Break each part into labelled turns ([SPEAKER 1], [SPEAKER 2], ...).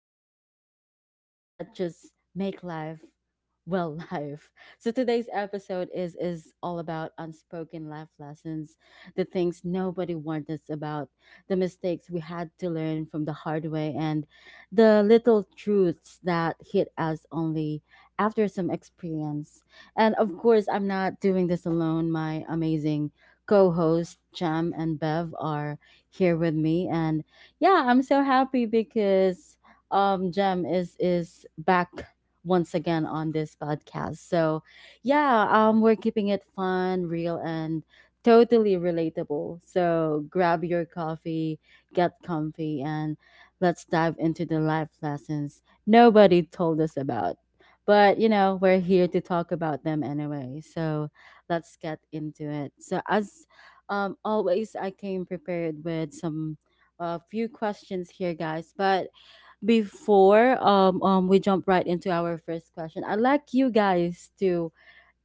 [SPEAKER 1] and those moments that just make life, well, life. So today's episode is all about unspoken life lessons, the things nobody warned us about, the mistakes we had to learn from the hard way, and the little truths that hit us only after some experience. And of course, I'm not doing this alone. My amazing co host Jam and Bev, are here with me. And yeah, I'm so happy because Jam is back once again on this podcast. So yeah, we're keeping it fun, real, and totally relatable. So grab your coffee, get comfy, and let's dive into the life lessons nobody told us about. But you know, we're here to talk about them anyway. So let's get into it. So as always I came prepared with some a few questions here guys, but before we jump right into our first question, I'd like you guys to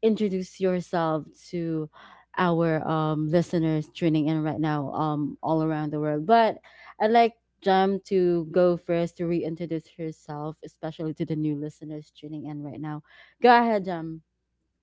[SPEAKER 1] introduce yourself to our listeners tuning in right now all around the world, but I'd like Jam to go first to reintroduce herself, especially to the new listeners tuning in right now. Go ahead, Jam.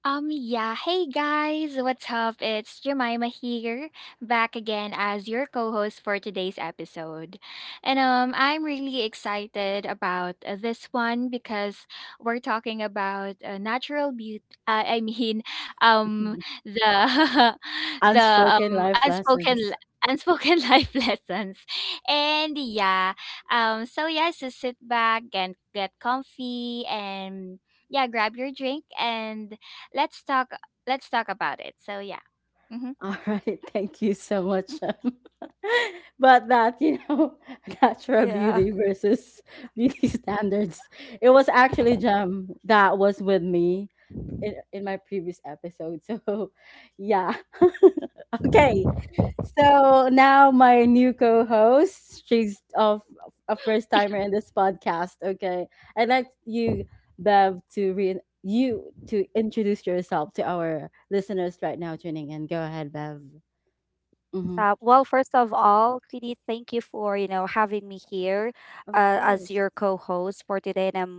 [SPEAKER 2] Yeah. Hey guys, what's up? It's Jemima here, back again as your co host for today's episode. And I'm really excited about this one because we're talking about natural beauty. I mean, um, the, the
[SPEAKER 1] Unspoken life
[SPEAKER 2] unspoken.
[SPEAKER 1] lessons.
[SPEAKER 2] Unspoken life lessons. And yeah, so yes, just sit back and get comfy and yeah, grab your drink and let's talk let's talk about it. So yeah. Mhm.
[SPEAKER 1] All right, thank you so much. But natural
[SPEAKER 3] Yeah.
[SPEAKER 1] beauty versus beauty standards. It was actually Jam that was with me in my previous episode. So, yeah. Okay. So now my new co-host, she's of a first timer in this podcast. Okay. I'd like Bev, to re you to introduce yourself to our listeners right now tuning in. Go ahead, Bev. Mm-hmm.
[SPEAKER 3] Well, first of all, Queenie, thank you for having me here,
[SPEAKER 1] Of
[SPEAKER 3] as your
[SPEAKER 1] course.
[SPEAKER 3] co-host for today, and I'm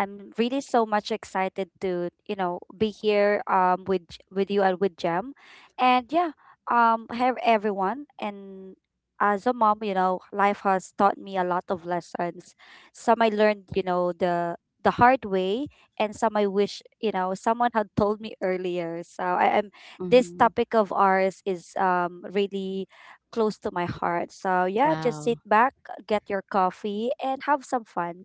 [SPEAKER 3] I'm really so much excited to be here with you and with Jem, and yeah, have everyone, and as a mom, you know, life has taught me a lot of lessons. Some I learned, the hard way, and some I wish someone had told me earlier. So I am this
[SPEAKER 1] Mm-hmm.
[SPEAKER 3] topic of ours is really close to my heart. So yeah, just sit
[SPEAKER 1] Wow.
[SPEAKER 3] back, get your coffee, and have some fun.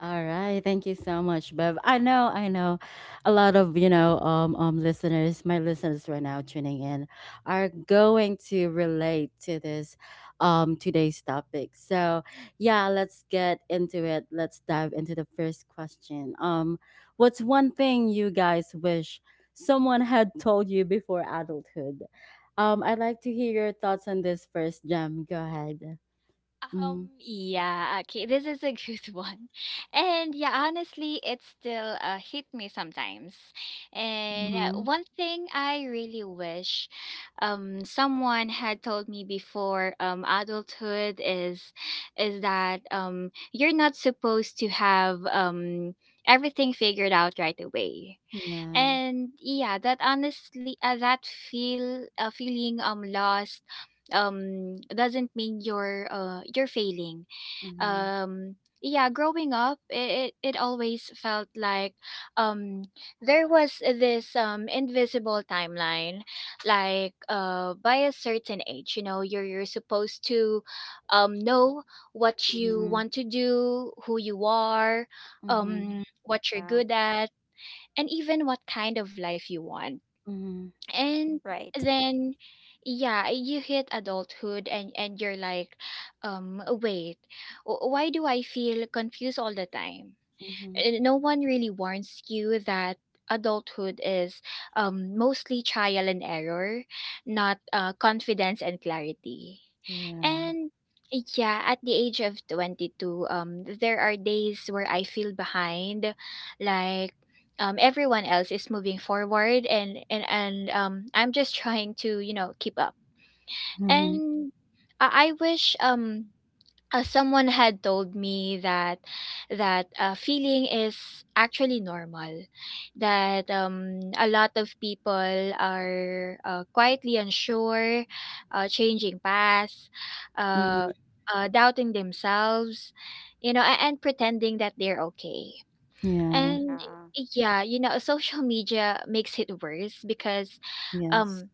[SPEAKER 1] All right, thank you so much, Bev. A lot of listeners, my listeners right now tuning in, are going to relate to this, today's topic. So, yeah, let's get into it. Let's dive into the first question. What's one thing you guys wish someone had told you before adulthood? I'd like to hear your thoughts on this first, Jem. Go ahead. Mm-hmm.
[SPEAKER 2] Yeah, okay, this is a good one. And yeah, honestly, it still hit me sometimes. And
[SPEAKER 1] Mm-hmm.
[SPEAKER 2] one thing I really wish someone had told me before adulthood is that you're not supposed to have everything figured out right away.
[SPEAKER 1] Yeah.
[SPEAKER 2] And yeah, that honestly, that feel feeling lost doesn't mean you're failing.
[SPEAKER 1] Mm-hmm.
[SPEAKER 2] um yeah, growing up, it always felt like um there was this invisible timeline, like by a certain age, you know, you're supposed to know what you
[SPEAKER 1] Mm-hmm.
[SPEAKER 2] want to do, who you are,
[SPEAKER 1] Mhm,
[SPEAKER 2] what you're
[SPEAKER 3] Yeah,
[SPEAKER 2] good at, and even what kind of life you want.
[SPEAKER 1] mhm,
[SPEAKER 2] And
[SPEAKER 3] right.
[SPEAKER 2] then yeah, you hit adulthood and you're like, wait, why do I feel confused all the time?
[SPEAKER 1] mhm.
[SPEAKER 2] No one really warns you that adulthood is mostly trial and error, not confidence and clarity.
[SPEAKER 3] Yeah.
[SPEAKER 1] Yeah.
[SPEAKER 2] And yeah, at the age of 22, there are days where I feel behind, like everyone else is moving forward, and I'm just trying to, you know, keep up.
[SPEAKER 1] Mhm,
[SPEAKER 2] And I wish someone had told me that feeling is actually normal, that a lot of people are quietly unsure, changing paths, uh,
[SPEAKER 1] mhm.
[SPEAKER 2] doubting themselves, you know, and pretending that they're okay.
[SPEAKER 1] Yeah.
[SPEAKER 2] And
[SPEAKER 3] Yeah,
[SPEAKER 2] yeah, you know, social media makes it worse because um
[SPEAKER 1] Yes.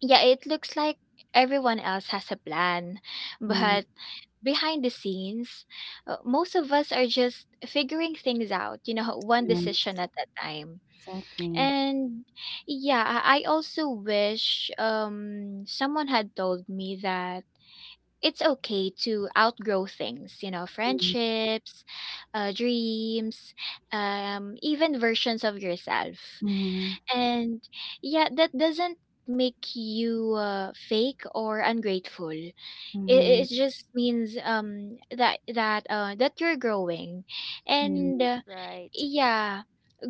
[SPEAKER 2] yeah, it looks like everyone else has a plan,
[SPEAKER 1] Mhm,
[SPEAKER 2] but behind the scenes, most of us are just figuring things out, you know, one decision
[SPEAKER 1] yes,
[SPEAKER 2] at a time.
[SPEAKER 1] exactly.
[SPEAKER 2] And yeah, I also wish someone had told me that it's okay to outgrow things, you know,
[SPEAKER 1] Mhm,
[SPEAKER 2] friendships, dreams, even versions of yourself.
[SPEAKER 1] mhm,
[SPEAKER 2] And yeah, that doesn't make you fake or ungrateful. It
[SPEAKER 1] mhm,
[SPEAKER 2] just means that you're growing. And
[SPEAKER 1] yeah.
[SPEAKER 3] right.
[SPEAKER 2] yeah,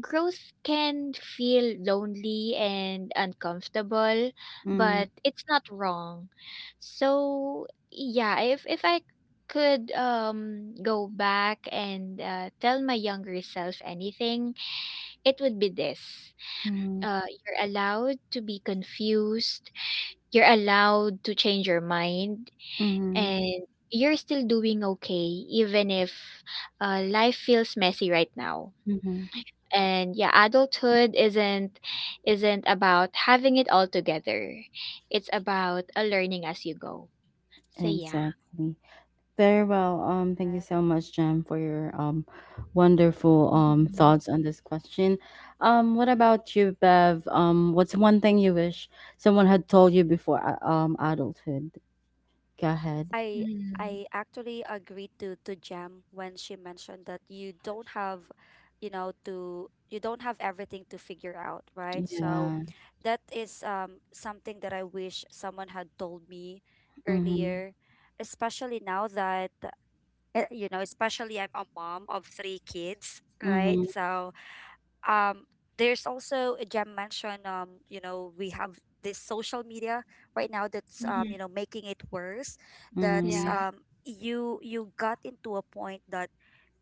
[SPEAKER 2] growth can feel lonely and uncomfortable, but
[SPEAKER 1] Mhm,
[SPEAKER 2] it's not wrong. So yeah, if I could go back and tell my younger self anything, it would be this:
[SPEAKER 1] mhm,
[SPEAKER 2] you're allowed to be confused, you're allowed to change your mind,
[SPEAKER 1] mhm,
[SPEAKER 2] and you're still doing okay even if life feels messy right now.
[SPEAKER 1] mhm.
[SPEAKER 2] And yeah, adulthood isn't about having it all together. It's about a learning as you go. So yeah.
[SPEAKER 1] Exactly. Very well. Thank you so much, Jen, for your wonderful
[SPEAKER 2] Mhm.
[SPEAKER 1] thoughts on this question. What about you, Bev? What's one thing you wish someone had told you before adulthood? Go ahead.
[SPEAKER 3] I I actually agreed to Jam when she mentioned that you don't have everything to figure out, right? So
[SPEAKER 1] Yeah.
[SPEAKER 3] that is something that I wish someone had told me
[SPEAKER 1] Mm-hmm.
[SPEAKER 3] earlier, especially now that, especially I'm a mom of three kids, right?
[SPEAKER 1] Mhm,
[SPEAKER 3] So, um, there's also, Jem mentioned, we have this social media right now that's,
[SPEAKER 2] Mm-hmm.
[SPEAKER 3] making it worse. That's,
[SPEAKER 2] Yeah,
[SPEAKER 1] mhm.
[SPEAKER 3] you got into a point that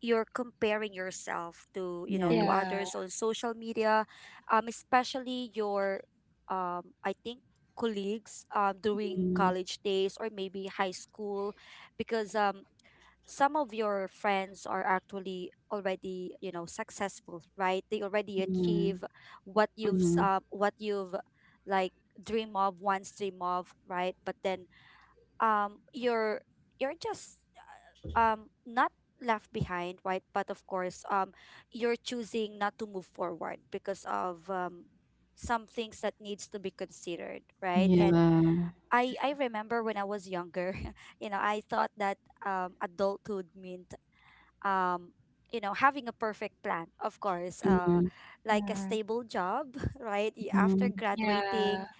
[SPEAKER 3] you're comparing yourself to
[SPEAKER 1] Yes.
[SPEAKER 2] yeah.
[SPEAKER 3] others on social media, especially your, I think colleagues, during
[SPEAKER 1] Mhm,
[SPEAKER 3] college days or maybe high school, because some of your friends are actually already, successful, right, they already
[SPEAKER 1] mhm,
[SPEAKER 3] achieve
[SPEAKER 1] mhm.
[SPEAKER 3] what you've, like, dream of once dream of, right, but then, um you're you're just, not left behind, right, but of course, you're choosing not to move forward because of, some things that needs to be considered, right. And
[SPEAKER 1] Yeah.
[SPEAKER 3] I remember when I was younger I thought that, adulthood meant, um having a perfect plan, of course,
[SPEAKER 1] Mhm,
[SPEAKER 3] like a
[SPEAKER 2] Mhm.
[SPEAKER 3] stable job, right. After
[SPEAKER 1] mhm.
[SPEAKER 2] Yeah.
[SPEAKER 3] graduating,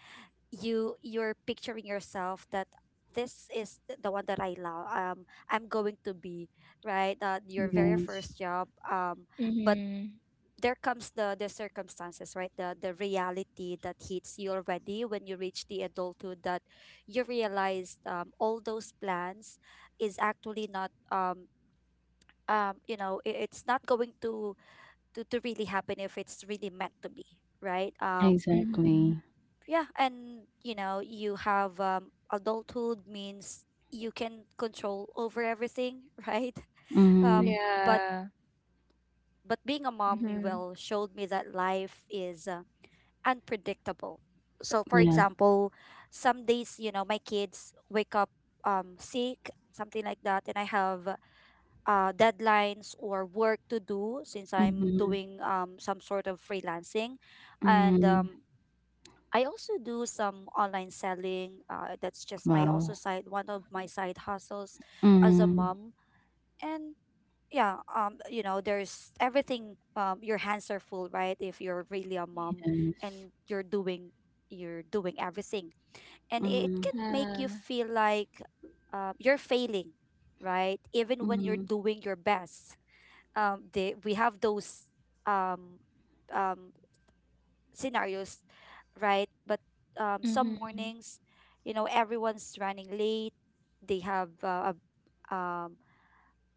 [SPEAKER 3] you're picturing yourself that this is the one that I love, I'm going to be, right, your very
[SPEAKER 1] Yes.
[SPEAKER 3] first job, but
[SPEAKER 2] Hmm,
[SPEAKER 3] there comes the circumstances, right, the reality that hits you already when you reach the adulthood, that you realize, all those plans is actually not, it's not going to really happen, if it's really meant to be, right,
[SPEAKER 2] hmm.
[SPEAKER 1] Exactly.
[SPEAKER 3] yeah. And, you have adulthood means you can control over everything, right, um
[SPEAKER 1] Mhm.
[SPEAKER 3] but
[SPEAKER 2] Yeah.
[SPEAKER 3] but being a mom, you
[SPEAKER 2] Hmm.
[SPEAKER 3] will showed me that life is, unpredictable. So, for
[SPEAKER 1] Yeah.
[SPEAKER 3] example, some days, my kids wake up, sick, something like that, and I have, deadlines or work to do since I'm
[SPEAKER 1] Mhm,
[SPEAKER 3] doing, some sort of freelancing. And,
[SPEAKER 1] mhm.
[SPEAKER 3] I also do some online selling. That's just my also
[SPEAKER 1] Wow.
[SPEAKER 3] side, one of my side hustles as a
[SPEAKER 1] Mhm.
[SPEAKER 3] mom. And yeah, there's everything, your hands are full, right? If you're really a mom,
[SPEAKER 1] Yes.
[SPEAKER 3] and you're doing everything, and it
[SPEAKER 1] Mhm,
[SPEAKER 3] can make you
[SPEAKER 2] Yeah.
[SPEAKER 3] feel like, you're failing, right, even when you're
[SPEAKER 1] mhm,
[SPEAKER 3] doing your best, they we have those, um um scenarios, right, but,
[SPEAKER 2] Hmm,
[SPEAKER 3] some mornings, everyone's running late, they have uh, a- um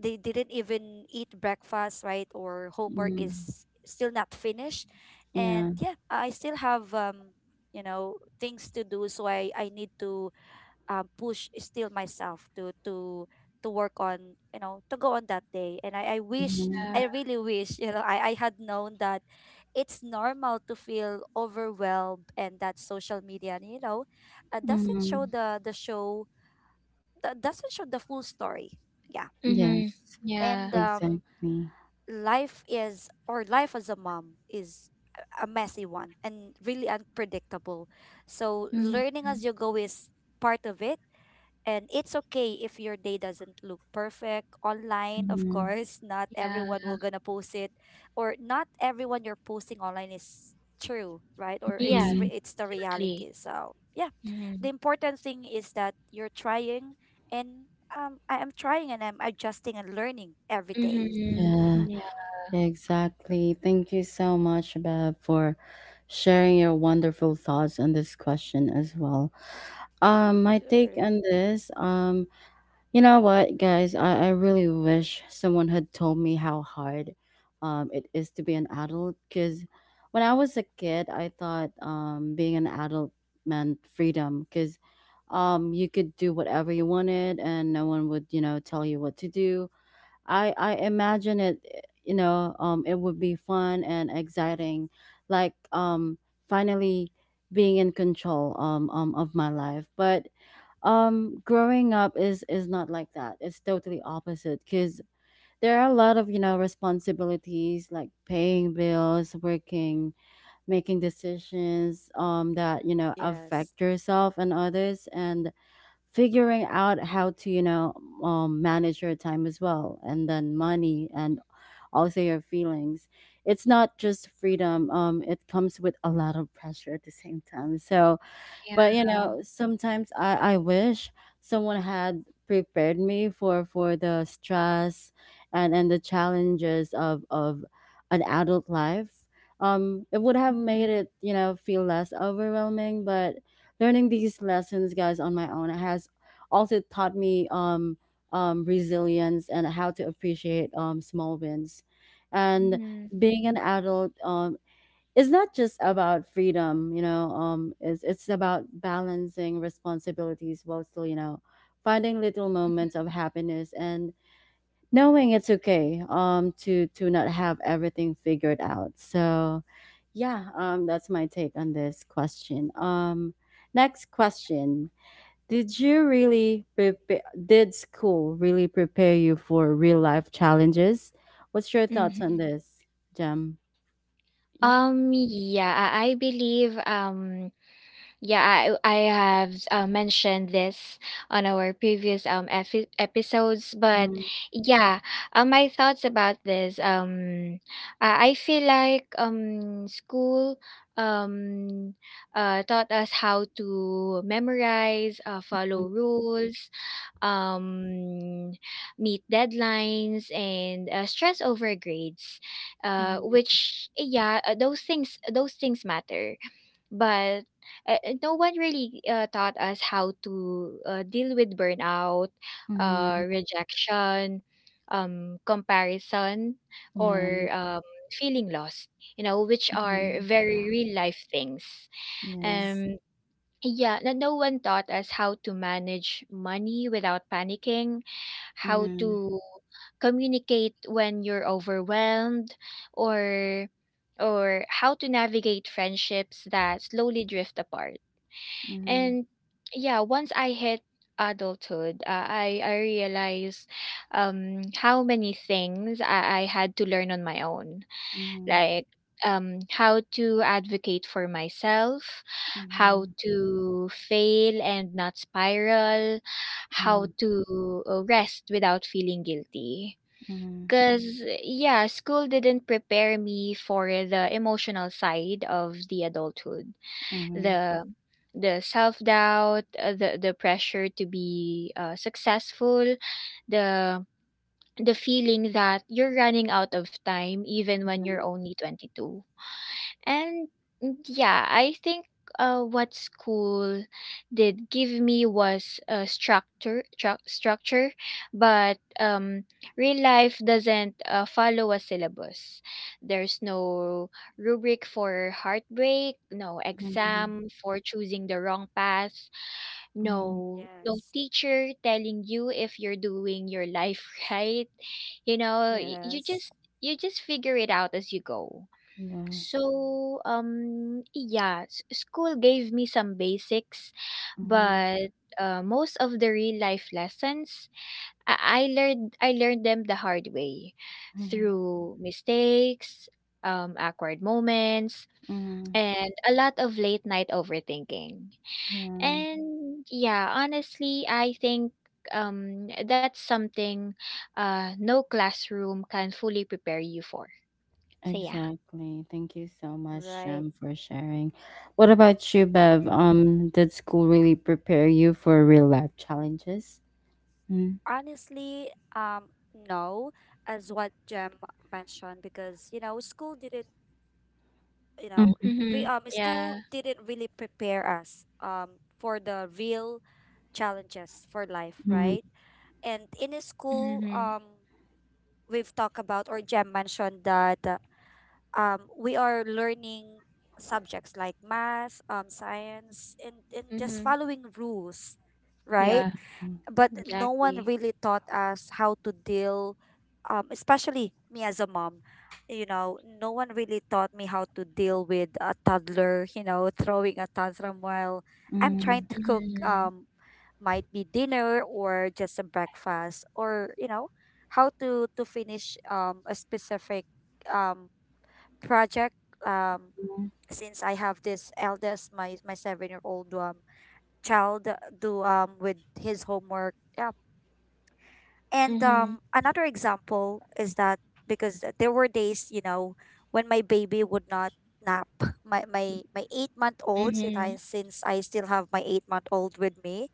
[SPEAKER 3] they didn't even eat breakfast, right, or homework
[SPEAKER 1] mhm.
[SPEAKER 3] is still not finished,
[SPEAKER 1] Yeah.
[SPEAKER 3] and yeah, I still have, things to do, so I need to, push still myself to work on, to go on that day, and i, I wish
[SPEAKER 1] Mhm,
[SPEAKER 3] i really wish, I had known that it's normal to feel overwhelmed, and that social media, doesn't show
[SPEAKER 1] mhm.
[SPEAKER 3] the show, that doesn't show the full story, yeah.
[SPEAKER 2] hmm.
[SPEAKER 1] Yes.
[SPEAKER 2] Yeah.
[SPEAKER 3] And,
[SPEAKER 1] Exactly.
[SPEAKER 3] life is, or life as a mom is, a messy one and really unpredictable, so
[SPEAKER 2] Hmm.
[SPEAKER 3] learning as you go is part of it. And it's okay if your day doesn't look perfect online, of
[SPEAKER 1] Mhm,
[SPEAKER 3] course. Not
[SPEAKER 2] Yeah,
[SPEAKER 3] everyone will gonna post it, or not everyone you're posting online is true, right? Or
[SPEAKER 2] yeah,
[SPEAKER 3] it's re-
[SPEAKER 1] mhm.
[SPEAKER 3] it's the
[SPEAKER 2] exactly.
[SPEAKER 3] reality. So yeah,
[SPEAKER 2] Mhm.
[SPEAKER 3] the important thing is that you're trying, and, I am trying and I'm adjusting and learning every day.
[SPEAKER 2] Mhm.
[SPEAKER 1] Yeah.
[SPEAKER 2] Yeah.
[SPEAKER 1] Exactly. Thank you so much, Bev, for sharing your wonderful thoughts on this question as well. My take
[SPEAKER 3] Sure.
[SPEAKER 1] on this, you know what, guys, I really wish someone had told me how hard it is to be an adult, because when I was a kid, I thought being an adult meant freedom, because you could do whatever you wanted and no one would, you know, tell you what to do. I imagine it, you know, it would be fun and exciting, like finally being in control of my life. But growing up is not like that. It's totally opposite, because there are a lot of you know responsibilities like paying bills, working, making decisions that you know
[SPEAKER 3] Yes.
[SPEAKER 1] affect yourself and others, and figuring out how to you know manage your time as well, and then money and also your feelings. It's not just freedom, it comes with a lot of pressure at the same time. So
[SPEAKER 2] Yeah.
[SPEAKER 1] but you know sometimes I wish someone had prepared me for the stress and the challenges of an adult life. It would have
[SPEAKER 2] Mhm.
[SPEAKER 1] made it you know feel less overwhelming, but learning these lessons guys on my own has also taught me resilience and how to appreciate small wins. And
[SPEAKER 2] Mhm.
[SPEAKER 1] being an adult, it's not just about freedom, you know, it's about balancing responsibilities while still, you know, finding little moments of happiness and knowing it's okay to not have everything figured out. So, yeah, that's my take on this question. Next question. Did school really prepare you for real life challenges? What's your
[SPEAKER 2] Mhm.
[SPEAKER 1] thoughts on this, Jem? Yep.
[SPEAKER 2] Yeah, I believe, yeah, I have mentioned this on our previous episodes, but
[SPEAKER 1] Mm,
[SPEAKER 2] yeah, my thoughts about this: I feel like school um taught us how to memorize, follow rules, um, meet deadlines, and stress over grades,
[SPEAKER 1] mm.
[SPEAKER 2] which yeah, those things matter, but. No one really taught us how to deal with burnout,
[SPEAKER 1] Mhm.
[SPEAKER 2] rejection, um, comparison, or
[SPEAKER 1] Yeah.
[SPEAKER 2] feeling lost. You know, which are
[SPEAKER 1] Mhm.
[SPEAKER 2] very
[SPEAKER 3] Yeah.
[SPEAKER 2] real life things.
[SPEAKER 1] Yeah.
[SPEAKER 3] Yes.
[SPEAKER 2] Um, yeah, no one taught us how to manage money without panicking, how
[SPEAKER 1] Mhm.
[SPEAKER 2] to communicate when you're overwhelmed, or how to navigate friendships that slowly drift apart.
[SPEAKER 1] Mhm.
[SPEAKER 2] And yeah, once I hit adulthood, I realized how many things I had to learn on my own,
[SPEAKER 1] Mhm.
[SPEAKER 2] like how to advocate for myself, how
[SPEAKER 1] Mhm.
[SPEAKER 2] to fail and not spiral, how
[SPEAKER 1] Mhm.
[SPEAKER 2] to rest without feeling guilty.
[SPEAKER 1] Mhm.
[SPEAKER 2] Because yeah, school didn't prepare me for the emotional side of the adulthood.
[SPEAKER 1] Mhm.
[SPEAKER 2] The the self doubt, the pressure to be successful, the the feeling that you're running out of time even when you're
[SPEAKER 1] Mhm.
[SPEAKER 2] only 22. And yeah, I think what school did give me was a structure, structure, but real life doesn't follow a syllabus. There's no rubric for heartbreak, no
[SPEAKER 1] Mhm.
[SPEAKER 2] exam for choosing the wrong path,
[SPEAKER 1] Mhm.
[SPEAKER 2] no
[SPEAKER 3] Yes.
[SPEAKER 2] teacher telling you if you're doing your life right. You know,
[SPEAKER 3] Yes,
[SPEAKER 2] you just figure it out as you go.
[SPEAKER 1] Yeah.
[SPEAKER 2] So, yeah, school gave me some basics,
[SPEAKER 1] Mhm.
[SPEAKER 2] but most of the real life lessons I learned them the hard way
[SPEAKER 1] Mhm.
[SPEAKER 2] through mistakes, awkward moments,
[SPEAKER 1] Mhm.
[SPEAKER 2] and a lot of late night overthinking.
[SPEAKER 1] Yeah.
[SPEAKER 2] And yeah, honestly, I think that's something no classroom can fully prepare you for. So yeah.
[SPEAKER 1] Exactly. Thank you so much,
[SPEAKER 3] right.
[SPEAKER 1] Jem, for sharing. What about you, Bev? Did school really prepare you for real life challenges? Mm.
[SPEAKER 3] Honestly, no, as what Jem mentioned, because, school didn't, you know,
[SPEAKER 1] Mm.
[SPEAKER 2] Mm-hmm.
[SPEAKER 3] we school
[SPEAKER 2] Yeah.
[SPEAKER 3] didn't really prepare us, for the real challenges for life,
[SPEAKER 1] Mm.
[SPEAKER 3] right? And in a school,
[SPEAKER 2] Mm-hmm.
[SPEAKER 3] we've talked about, or Jem mentioned that, we are learning subjects like math, science, and just
[SPEAKER 2] Mhm.
[SPEAKER 3] following rules, right,
[SPEAKER 2] Yeah,
[SPEAKER 1] Mm.
[SPEAKER 3] but no one
[SPEAKER 2] exactly.
[SPEAKER 3] really taught us how to deal, especially me as a mom, no one really taught me how to deal with a toddler, throwing a tantrum while I'm trying
[SPEAKER 1] Mm.
[SPEAKER 3] to cook,
[SPEAKER 2] Mhm.
[SPEAKER 3] might be dinner or just a breakfast, or, how to finish, a specific, um project, um
[SPEAKER 1] Mm.
[SPEAKER 3] since I have this eldest, my 7-year-old, child, do, with his homework, yeah. And,
[SPEAKER 2] Mhm.
[SPEAKER 3] another example is that, because there were days, when my baby would not nap. My 8-month-old, since
[SPEAKER 2] Mhm.
[SPEAKER 3] I still have my 8-month-old with me,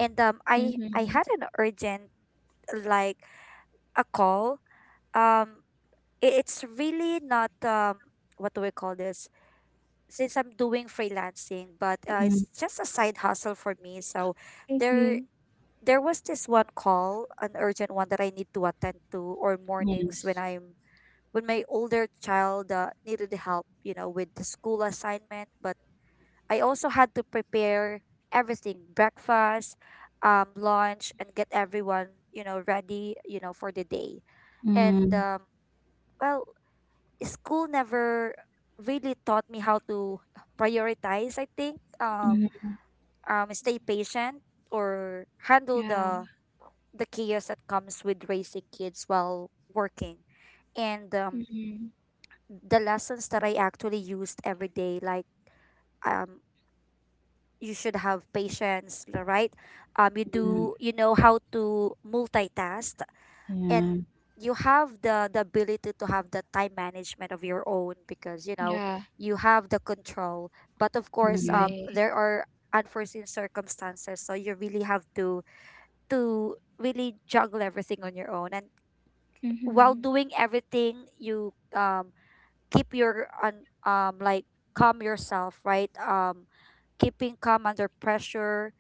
[SPEAKER 3] and, I
[SPEAKER 2] Mhm.
[SPEAKER 3] had an urgent, like, a call. Um, it's really not, what do we call this? Since I'm doing freelancing, but,
[SPEAKER 1] Mm.
[SPEAKER 3] it's just a side hustle for me. So
[SPEAKER 2] Mm-hmm.
[SPEAKER 3] there there was this one call, an urgent one that I need to attend to, or mornings
[SPEAKER 1] Yes.
[SPEAKER 3] when my older child, needed help, with the school assignment. But I also had to prepare everything, breakfast, lunch, and get everyone, ready, for the day. And,
[SPEAKER 1] Mm.
[SPEAKER 3] well, school never really taught me how to prioritize, I think, stay patient or handle
[SPEAKER 2] Yeah.
[SPEAKER 3] the chaos that comes with raising kids while working, and,
[SPEAKER 2] Mhm.
[SPEAKER 3] the lessons that I actually used every day, like, um, you should have patience, right?
[SPEAKER 1] Mm.
[SPEAKER 3] You know how to multitask,
[SPEAKER 1] Yeah.
[SPEAKER 3] and you have the ability to have the time management of your own, because,
[SPEAKER 2] Yeah.
[SPEAKER 3] you have the control. But of course,
[SPEAKER 1] Mhm.
[SPEAKER 2] Right.
[SPEAKER 3] there are unforeseen circumstances, so you really have to really juggle everything on your own, and while
[SPEAKER 2] Mhm.
[SPEAKER 3] doing everything, you, keep your, un, like calm yourself, right, keeping calm under pressure,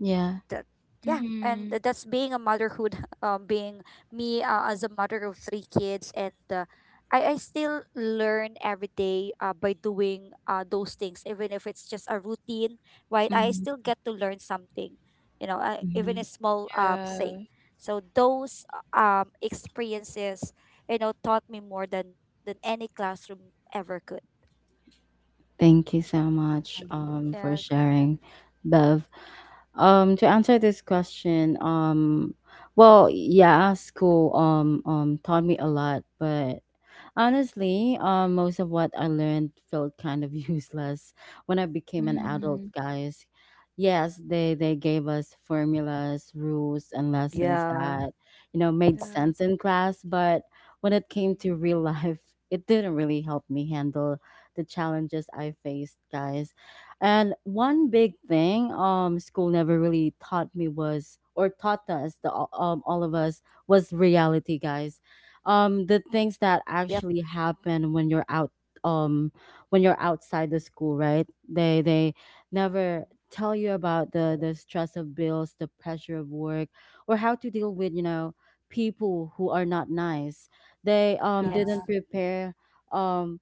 [SPEAKER 1] Yeah.
[SPEAKER 3] that, yeah, and
[SPEAKER 2] Mhm.
[SPEAKER 3] that's being a motherhood, being me, as a mother of three kids, and, I still learn every day, by doing, those things even if it's just a routine, right, I
[SPEAKER 1] Mhm.
[SPEAKER 3] still get to learn something, even a
[SPEAKER 1] Mhm.
[SPEAKER 3] small, thing.
[SPEAKER 2] Yeah.
[SPEAKER 3] So those, experiences, taught me more than any classroom ever could.
[SPEAKER 1] Thank you so much for
[SPEAKER 3] Yes.
[SPEAKER 1] sharing, Bev. To answer this question, well, yeah, school taught me a lot, but honestly, most of what I learned felt kind of useless when I became an adult,
[SPEAKER 2] Mhm.
[SPEAKER 1] guys. Yes, they gave us formulas, rules, and lessons
[SPEAKER 3] Yeah.
[SPEAKER 1] that, you know, made
[SPEAKER 2] Yeah.
[SPEAKER 1] sense in class. But when it came to real life, it didn't really help me handle the challenges I faced, guys. And one big thing school never really taught me was, or taught us, all of us, was reality, guys. The things that
[SPEAKER 3] Yep.
[SPEAKER 1] actually happen when you're out, um when you're outside the school, right? They never tell you about the stress of bills, the pressure of work, or how to deal with you know people who are not nice. They didn't
[SPEAKER 3] Yes.
[SPEAKER 1] prepare um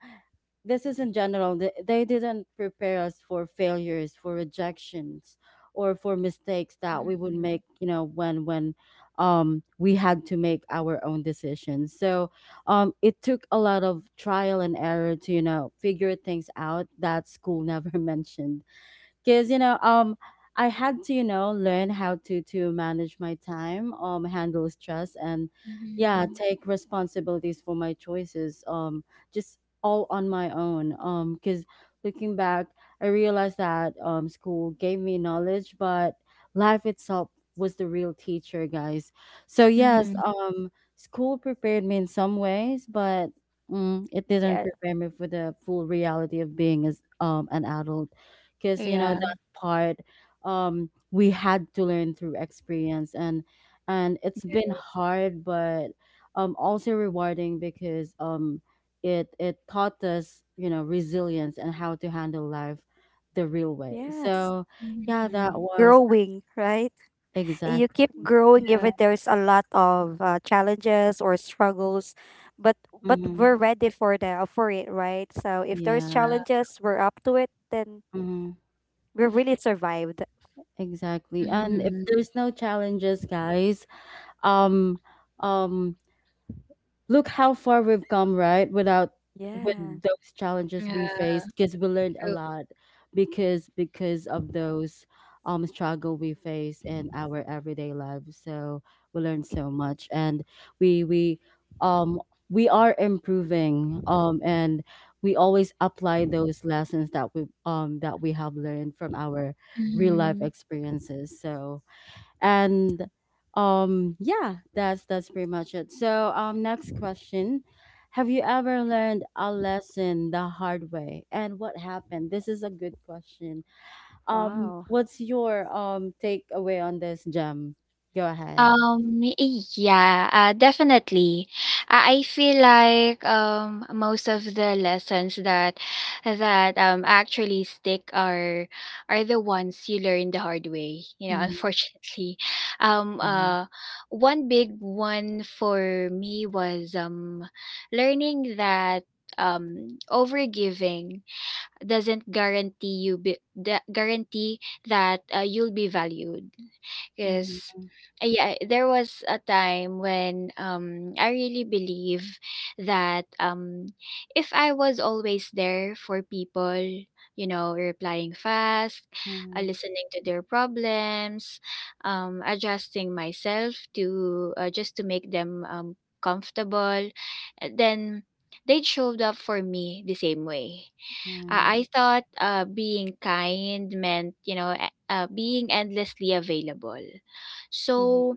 [SPEAKER 1] this is in general, they didn't prepare us for failures, for rejections, or for mistakes that we would
[SPEAKER 2] Mhm.
[SPEAKER 1] make, you know, when we had to make our own decisions. So it took a lot of trial and error to you know figure things out that school never mentioned, because you know I had to you know learn how to manage my time, handle stress, and yeah
[SPEAKER 2] Mhm.
[SPEAKER 1] take responsibilities for my choices, just all on my own. Because looking back, I realized that school gave me knowledge, but life itself was the real teacher, guys. So yes,
[SPEAKER 2] Mhm.
[SPEAKER 1] school prepared me in some ways, but mm, it didn't
[SPEAKER 3] Yes.
[SPEAKER 1] prepare me for the full reality of being as an adult, because you know
[SPEAKER 2] Yeah.
[SPEAKER 1] that part we had to learn through experience. And it's been hard, but also rewarding, because it it taught us you know resilience and how to handle life the real way.
[SPEAKER 3] Yes.
[SPEAKER 1] So yeah, that
[SPEAKER 2] Mhm.
[SPEAKER 1] was
[SPEAKER 3] Growing, right? You
[SPEAKER 1] exactly.
[SPEAKER 3] keep growing,
[SPEAKER 2] Yeah.
[SPEAKER 3] even there's a lot of, challenges or struggles, but, but
[SPEAKER 1] Hmm,
[SPEAKER 3] we're ready for it, right, so if there's
[SPEAKER 1] yeah.
[SPEAKER 3] challenges, we're up to it, then
[SPEAKER 1] Hmm,
[SPEAKER 3] we really survived.
[SPEAKER 1] exactly. And if
[SPEAKER 2] Mhm.
[SPEAKER 1] there's no challenges, guys, um um look how far we've come, right? Without with
[SPEAKER 3] Yeah.
[SPEAKER 1] those challenges we
[SPEAKER 2] Yeah.
[SPEAKER 1] faced, because we learned a
[SPEAKER 2] True.
[SPEAKER 1] lot, because of those struggle we face in our everyday lives. So we learned so much, and we we um we are improving, and we always apply those lessons that we have learned from our real life
[SPEAKER 2] Mhm.
[SPEAKER 1] experiences. So and yeah, that's pretty much it. So next question. Have you ever learned a lesson the hard way, and what happened? This is a good question.
[SPEAKER 3] Wow.
[SPEAKER 1] What's your takeaway on this, Gem? Go ahead.
[SPEAKER 2] Um, yeah, definitely. I feel like most of the lessons that that actually stick are the ones you learn the hard way, you know,
[SPEAKER 1] Mm.
[SPEAKER 2] unfortunately. Um
[SPEAKER 1] Yeah.
[SPEAKER 2] uh One big one for me was learning that overgiving doesn't guarantee that you'll be valued,
[SPEAKER 1] Mhm,
[SPEAKER 2] because yeah, there was a time when I really believe that if I was always there for people, you know, replying fast,
[SPEAKER 1] mhm,
[SPEAKER 2] listening to their problems, adjusting myself to, just to make them comfortable, then they showed up for me the same way.
[SPEAKER 1] mhm,
[SPEAKER 2] I thought being kind meant, you know, being endlessly available.
[SPEAKER 1] mhm,
[SPEAKER 2] So,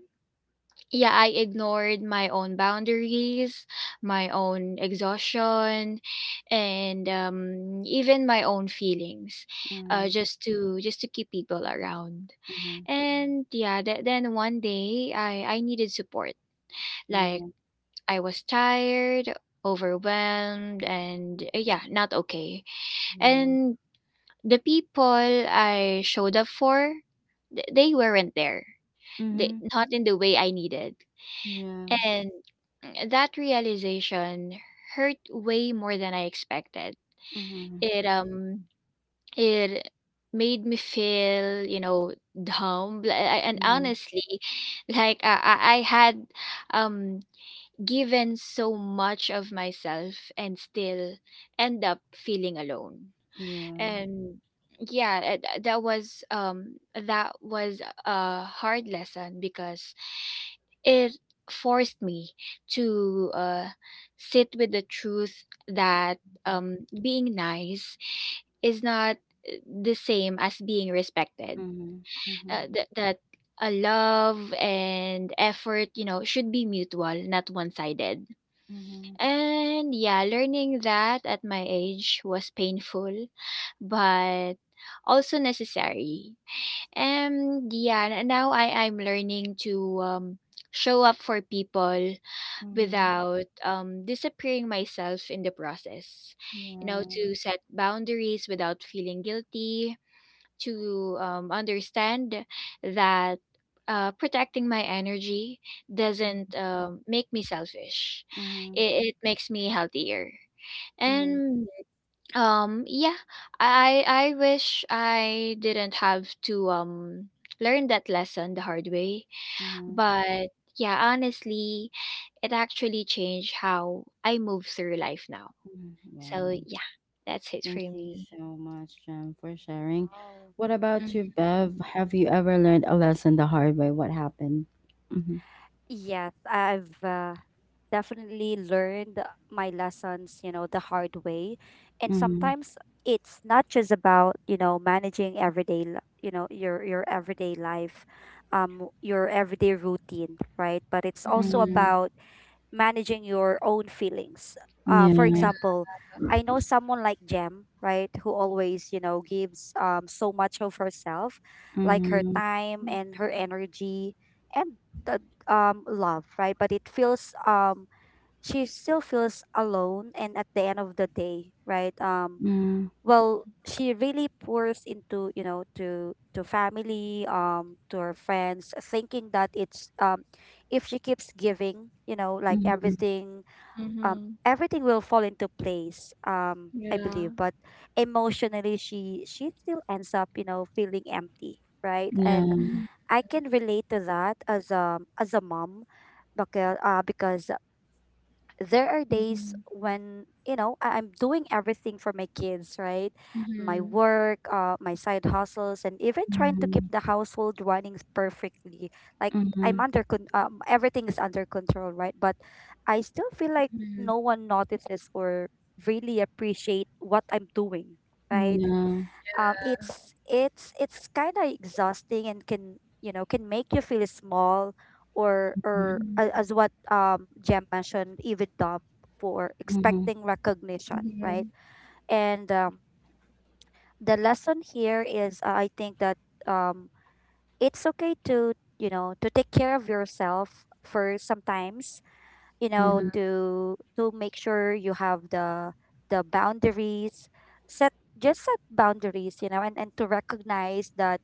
[SPEAKER 2] yeah, I ignored my own boundaries, my own exhaustion, and even my own feelings,
[SPEAKER 1] mhm,
[SPEAKER 2] just to keep people around.
[SPEAKER 1] mhm.
[SPEAKER 2] And yeah, then one day I needed support. Like
[SPEAKER 1] Yeah,
[SPEAKER 2] I was tired, overwhelmed, and yeah, not okay.
[SPEAKER 1] yeah.
[SPEAKER 2] And the people I showed up for, they weren't there. They
[SPEAKER 1] Mm-hmm.
[SPEAKER 2] not in the way I needed.
[SPEAKER 1] Yeah.
[SPEAKER 2] And that realization hurt way more than I expected.
[SPEAKER 1] Mhm,
[SPEAKER 2] It it made me feel, you know, dumb. And
[SPEAKER 1] mhm,
[SPEAKER 2] honestly, like I had um given so much of myself and still end up feeling alone.
[SPEAKER 1] yeah.
[SPEAKER 2] And yeah, that was a hard lesson because it forced me to sit with the truth that um, being nice is not uh, the same as being respected,
[SPEAKER 1] Mhm, mhm,
[SPEAKER 2] that a love and effort, you know, should be mutual, not one-sided.
[SPEAKER 1] mhm,
[SPEAKER 2] And yeah, learning that at my age was painful, but also necessary. And yeah, now I'm learning to show up for people
[SPEAKER 1] mhm.
[SPEAKER 2] without disappearing myself in the process. You know,
[SPEAKER 1] Yeah.
[SPEAKER 2] to set boundaries without feeling guilty, to understand that protecting my energy doesn't
[SPEAKER 1] Mhm.
[SPEAKER 2] make me selfish.
[SPEAKER 1] Mhm.
[SPEAKER 2] It makes me healthier.
[SPEAKER 1] Mhm.
[SPEAKER 2] And yeah, I wish I didn't have to learn that lesson the hard way,
[SPEAKER 1] Mhm.
[SPEAKER 2] but yeah, honestly, it actually changed how I move through life now. So
[SPEAKER 1] Wow.
[SPEAKER 2] yeah, that's it for
[SPEAKER 1] Thank you
[SPEAKER 2] me.
[SPEAKER 1] so much, Jem, for sharing. What about you, Bev? Have you ever learned a lesson the hard way? What happened? Mm-hmm.
[SPEAKER 3] Yes, I've, definitely learned my lessons, the hard way. And
[SPEAKER 1] Mm-hmm.
[SPEAKER 3] sometimes it's not just about, managing everyday, your everyday life, your everyday routine, right, but it's also
[SPEAKER 2] Mm-hmm.
[SPEAKER 1] Mm-hmm.
[SPEAKER 3] about managing your own feelings. For
[SPEAKER 2] Yeah.
[SPEAKER 1] Yeah.
[SPEAKER 3] example, I know someone like Jem, right, who always, gives, so much of herself, like her
[SPEAKER 1] Mm-hmm.
[SPEAKER 3] time and her energy and the, love, right, but it feels she still feels alone, and at the end of the day, right.
[SPEAKER 1] Mm-hmm.
[SPEAKER 3] Well, she really pours into, to family, to her friends, thinking that, it's if she keeps giving, like
[SPEAKER 1] Mm-hmm.
[SPEAKER 3] um
[SPEAKER 2] Mm-hmm.
[SPEAKER 3] everything will fall into place, I
[SPEAKER 2] Yeah.
[SPEAKER 3] believe, but emotionally she still ends up, feeling empty, right, and
[SPEAKER 1] Yeah.
[SPEAKER 2] Mm-hmm.
[SPEAKER 3] I can relate to that as a mom, because there are days
[SPEAKER 2] Mm-hmm.
[SPEAKER 3] when, I'm doing everything for my kids, right, my
[SPEAKER 2] Mm-hmm.
[SPEAKER 3] work, my side hustles, and even trying to keep
[SPEAKER 1] Mm-hmm.
[SPEAKER 3] the household running perfectly, like
[SPEAKER 1] Mm-hmm.
[SPEAKER 3] everything is under control, right, but I still feel like no one notices or really appreciate what I'm doing, right,
[SPEAKER 1] Yeah.
[SPEAKER 3] it's kind of exhausting, and can make you feel small, or,
[SPEAKER 1] Mm-hmm.
[SPEAKER 3] or as what, Jem mentioned, even dumb for
[SPEAKER 1] Mm-hmm.
[SPEAKER 3] expecting recognition,
[SPEAKER 2] Mm-hmm.
[SPEAKER 3] right. And, the lesson here is, I think that, um it's okay to, to take care of yourself, for sometimes, you know
[SPEAKER 1] Mm-hmm.
[SPEAKER 3] to to make sure you have the boundaries set, just set boundaries, and to recognize that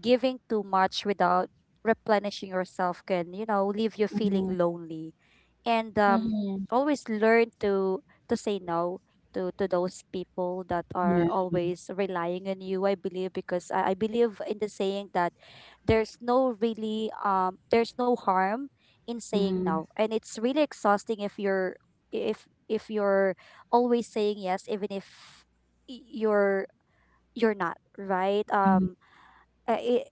[SPEAKER 3] giving too much without replenishing yourself can, leave you
[SPEAKER 1] Mm-hmm.
[SPEAKER 3] feeling lonely. And
[SPEAKER 2] Mm-hmm.
[SPEAKER 3] Always learn to say no to those people that are
[SPEAKER 1] Yeah.
[SPEAKER 3] always relying on you. I believe, because I believe in the saying that there's no harm in saying
[SPEAKER 1] Mm-hmm.
[SPEAKER 3] no, and it's really exhausting if you're if you're always saying yes, even if y- you're you're not right.
[SPEAKER 1] Mm-hmm.
[SPEAKER 3] Uh, it,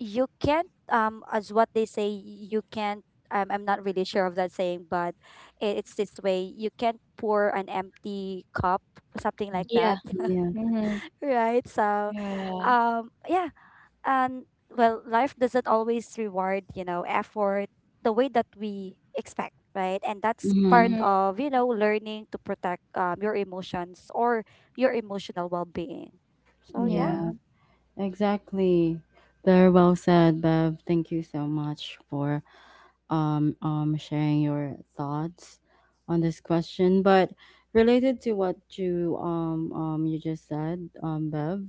[SPEAKER 3] you can't, as what they say, you can't, I'm not really sure of that saying, but it's this way, you can't pour an empty cup, something like that.
[SPEAKER 2] Yeah.
[SPEAKER 1] Yeah. Mm-hmm. Yeah. Mm-hmm. Yeah.
[SPEAKER 2] Mm-hmm.
[SPEAKER 3] Right. So,
[SPEAKER 2] Yeah.
[SPEAKER 3] yeah, and well, life doesn't always reward effort the way that we expect, right, and that's part
[SPEAKER 1] Mm-hmm.
[SPEAKER 2] Mm-hmm.
[SPEAKER 3] of learning to protect your emotions, or your emotional well-being. So
[SPEAKER 2] Yeah.
[SPEAKER 3] yeah.
[SPEAKER 2] Yeah.
[SPEAKER 1] Yeah. Exactly. Very well said, Bev. Thank you so much for sharing your thoughts on this question. But related to what you you just said, Bev,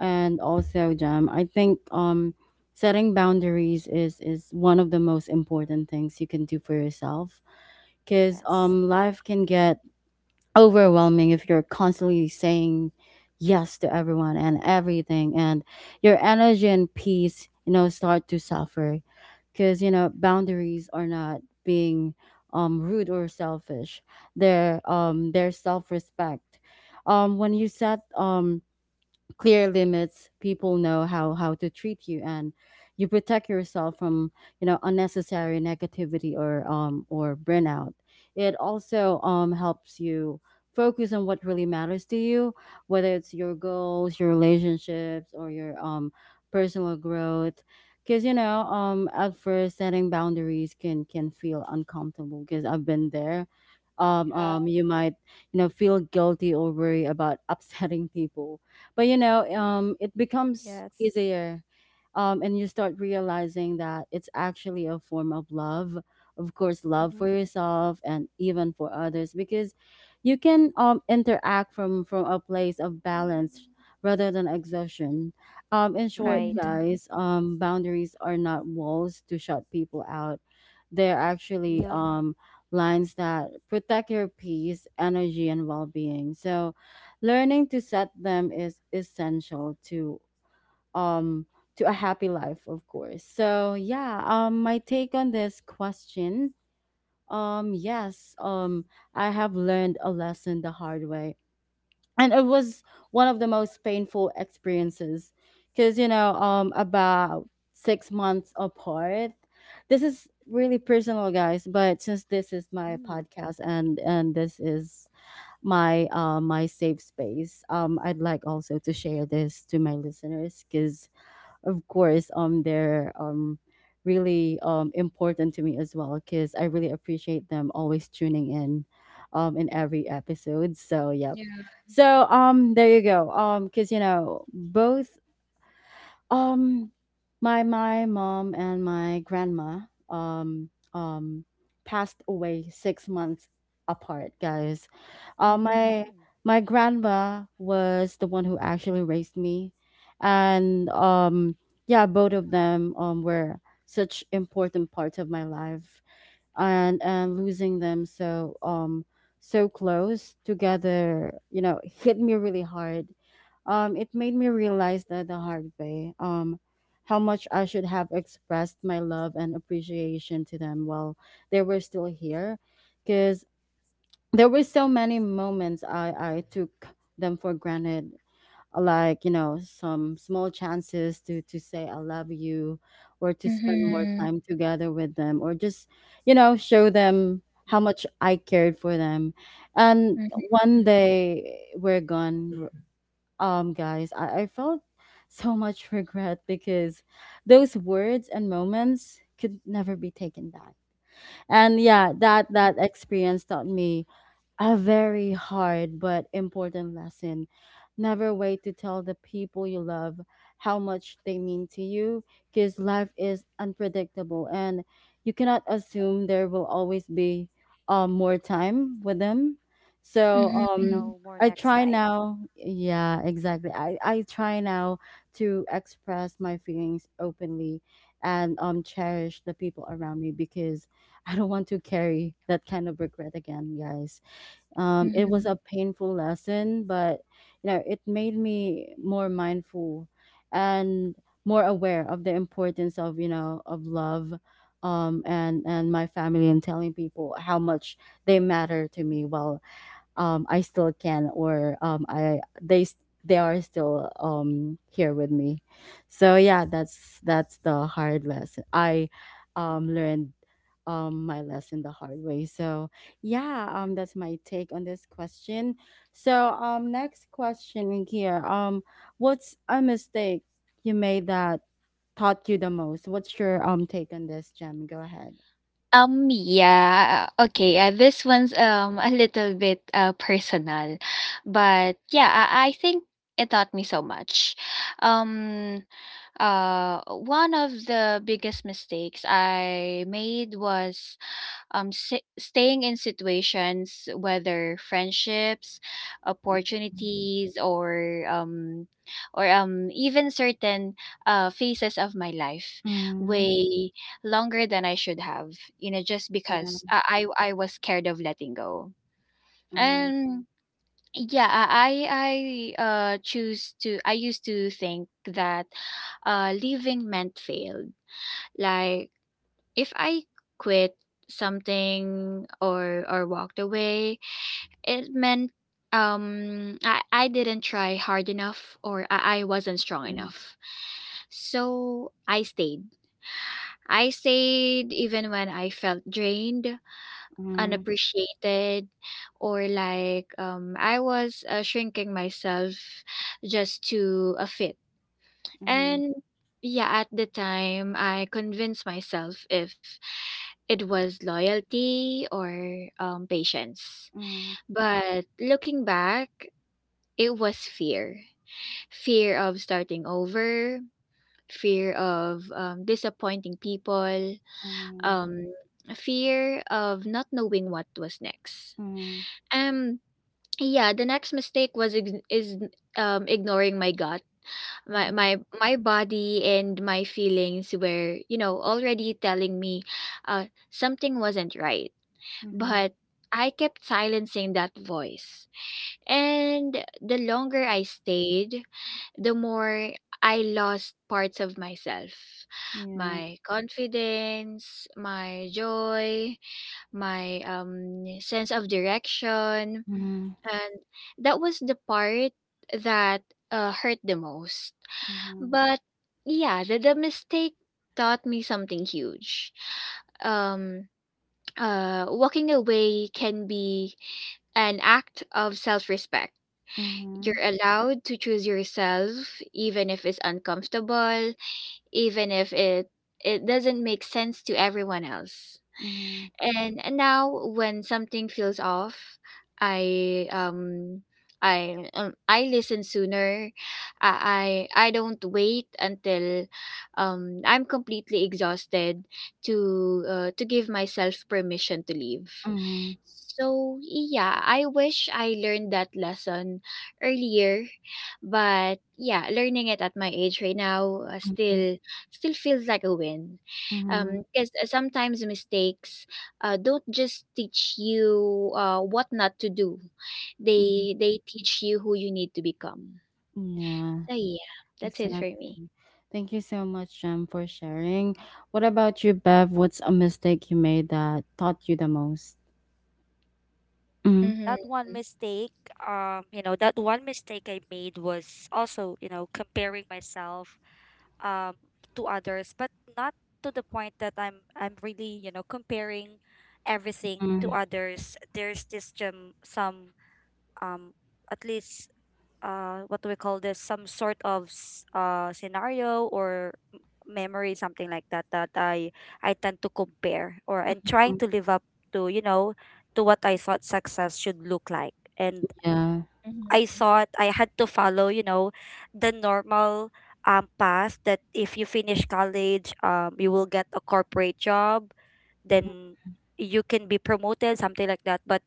[SPEAKER 1] and also Jam, I think setting boundaries is one of the most important things you can do for yourself because
[SPEAKER 3] Yes.
[SPEAKER 1] life can get overwhelming if you're constantly saying yes to everyone and everything, and your energy and peace you know start to suffer. Because you know, boundaries are not being rude or selfish, they're their self-respect. When you set clear limits, people know how to treat you, and you protect yourself from you know unnecessary negativity or burnout. It also helps you focus on what really matters to you, whether it's your goals, your relationships, or your personal growth. Because you know, at first, setting boundaries can feel uncomfortable because I've been there. You might you know feel guilty or worry about upsetting people, but you know, it becomes
[SPEAKER 3] Yes.
[SPEAKER 1] easier, and you start realizing that it's actually a form of love. Of course, love
[SPEAKER 3] Hmm.
[SPEAKER 1] for yourself and even for others, because you can interact from a place of balance rather than exhaustion. In short,
[SPEAKER 3] Right.
[SPEAKER 2] Mm-hmm.
[SPEAKER 1] guys, boundaries are not walls to shut people out. They're actually
[SPEAKER 3] Yeah.
[SPEAKER 1] lines that protect your peace, energy, and well being. So learning to set them is essential um to a happy life, of course. So yeah, my take on this question, yes, I have learned a lesson the hard way. And it was one of the most painful experiences because you know, about 6 months apart. This is really personal, guys, but since this is my
[SPEAKER 3] Mm.
[SPEAKER 1] podcast, and this is my my safe space. I'd like also to share this to my listeners because, of course, they're really important to me as well, because I really appreciate them always tuning in every episode. So yep. So there you go. Because you know, both um, my my mom and my grandma um um passed away 6 months apart, guys.
[SPEAKER 2] Mhm.
[SPEAKER 1] My
[SPEAKER 3] Oh.
[SPEAKER 1] my grandma was the one who actually raised me, and yeah, both of them were such important parts of my life, and losing them so so close together you know hit me really hard. Um, it made me realize that the hard way, how much I should have expressed my love and appreciation to them while they were still here. Because there were so many moments I took them for granted. Like, you know, some small chances to say I love you, or to spend more
[SPEAKER 2] Mhm.
[SPEAKER 1] time together with them, or just you know show them how much I cared for them. And
[SPEAKER 2] Mhm.
[SPEAKER 1] one day we're gone. Um, guys, I felt so much regret because those words and moments could never be taken back. And yeah, that experience taught me a very hard but important lesson. Never wait to tell the people you love how much they mean to you, because life is unpredictable, and you cannot assume there will always be more time with them. So Mhm.
[SPEAKER 3] We
[SPEAKER 2] Mhm.
[SPEAKER 3] know more
[SPEAKER 1] I
[SPEAKER 3] next
[SPEAKER 1] try
[SPEAKER 3] time.
[SPEAKER 1] now, yeah, exactly. I try now to express my feelings openly, and cherish the people around me, because I don't want to carry that kind of regret again, guys. Um, it was
[SPEAKER 2] Mhm.
[SPEAKER 1] a painful lesson, but you know, it made me more mindful and more aware of the importance of you know of love, and my family, and telling people how much they matter to me while I still can, or they are still here with me. So yeah, that's the hard lesson. I learned my lesson the hard way. So yeah, that's my take on this question. So next question here. What's a mistake you made that taught you the most? What's your take on this, Gem? Go ahead.
[SPEAKER 2] Yeah, okay. This one's a little bit personal, but yeah, I think it taught me so much. Um, uh, One of the biggest mistakes I made was staying in situations, whether friendships, opportunities, or even certain phases of my life,
[SPEAKER 1] Mm.
[SPEAKER 2] way longer than I should have, you know, just because
[SPEAKER 1] Yeah.
[SPEAKER 2] I was scared of letting go.
[SPEAKER 1] Mm,
[SPEAKER 2] And yeah, I used to think that leaving meant failed. Like if I quit something or walked away, it meant I didn't try hard enough or I wasn't strong
[SPEAKER 1] mm,
[SPEAKER 2] enough. So I stayed. I stayed even when I felt drained,
[SPEAKER 1] mm,
[SPEAKER 2] unappreciated, or like I was shrinking myself just to a fit.
[SPEAKER 1] mm,
[SPEAKER 2] And yeah, at the time, I convinced myself if it was loyalty or patience.
[SPEAKER 1] mm.
[SPEAKER 2] But looking back, it was fear of starting over, fear of disappointing people,
[SPEAKER 1] Mhm,
[SPEAKER 2] um, fear of not knowing what was next.
[SPEAKER 1] mhm,
[SPEAKER 2] Um, yeah, the next mistake was ignoring my gut. my
[SPEAKER 1] mhm,
[SPEAKER 2] my my body and my feelings were, you know, already telling me uh something wasn't right,
[SPEAKER 1] mhm.
[SPEAKER 2] but I kept silencing that voice. And the longer
[SPEAKER 3] Mm.
[SPEAKER 2] I stayed, the more I lost parts of myself:
[SPEAKER 1] Yeah.
[SPEAKER 2] my confidence, my joy, my sense of direction.
[SPEAKER 1] Mhm,
[SPEAKER 2] And that was the part that hurt the most.
[SPEAKER 1] mhm,
[SPEAKER 2] But yeah, the mistake taught me something huge. Um, Walking away can be an act of self respect.
[SPEAKER 1] mhm,
[SPEAKER 2] You're allowed to choose yourself, even if it's uncomfortable, even if it doesn't make sense to everyone else.
[SPEAKER 1] mhm,
[SPEAKER 2] And now when something feels off, I I listen sooner. I I don't wait until I'm completely exhausted to give myself permission to leave.
[SPEAKER 1] mhm,
[SPEAKER 2] So yeah, I wish I learned that lesson earlier, but yeah, learning it at my age right now
[SPEAKER 1] mhm,
[SPEAKER 2] still still feels like a win,
[SPEAKER 1] mhm,
[SPEAKER 2] because sometimes mistakes don't just teach you what not to do.
[SPEAKER 1] mhm.
[SPEAKER 2] They teach you who you need to become.
[SPEAKER 1] Yeah,
[SPEAKER 2] So yeah, that's it for me.
[SPEAKER 1] exactly. Thank you so much, Jem, for sharing. What about you, Bev? What's a mistake you made that taught you the most? Mm.
[SPEAKER 3] That
[SPEAKER 2] Mm-hmm.
[SPEAKER 3] one mistake, that one mistake I made was also, comparing myself um to others, but not to the point that I'm really, comparing everything to
[SPEAKER 1] Hmm.
[SPEAKER 3] others. There's this, some, um at least, what do we call this, some sort of scenario, or memory, something like that, that I tend to compare, or and trying to live up to, to what I thought success should look like, and
[SPEAKER 1] Yeah.
[SPEAKER 3] I
[SPEAKER 2] Mm-hmm.
[SPEAKER 3] thought I had to follow the normal path, that if you finish college, you will get a corporate job, then you can be promoted, something like that. But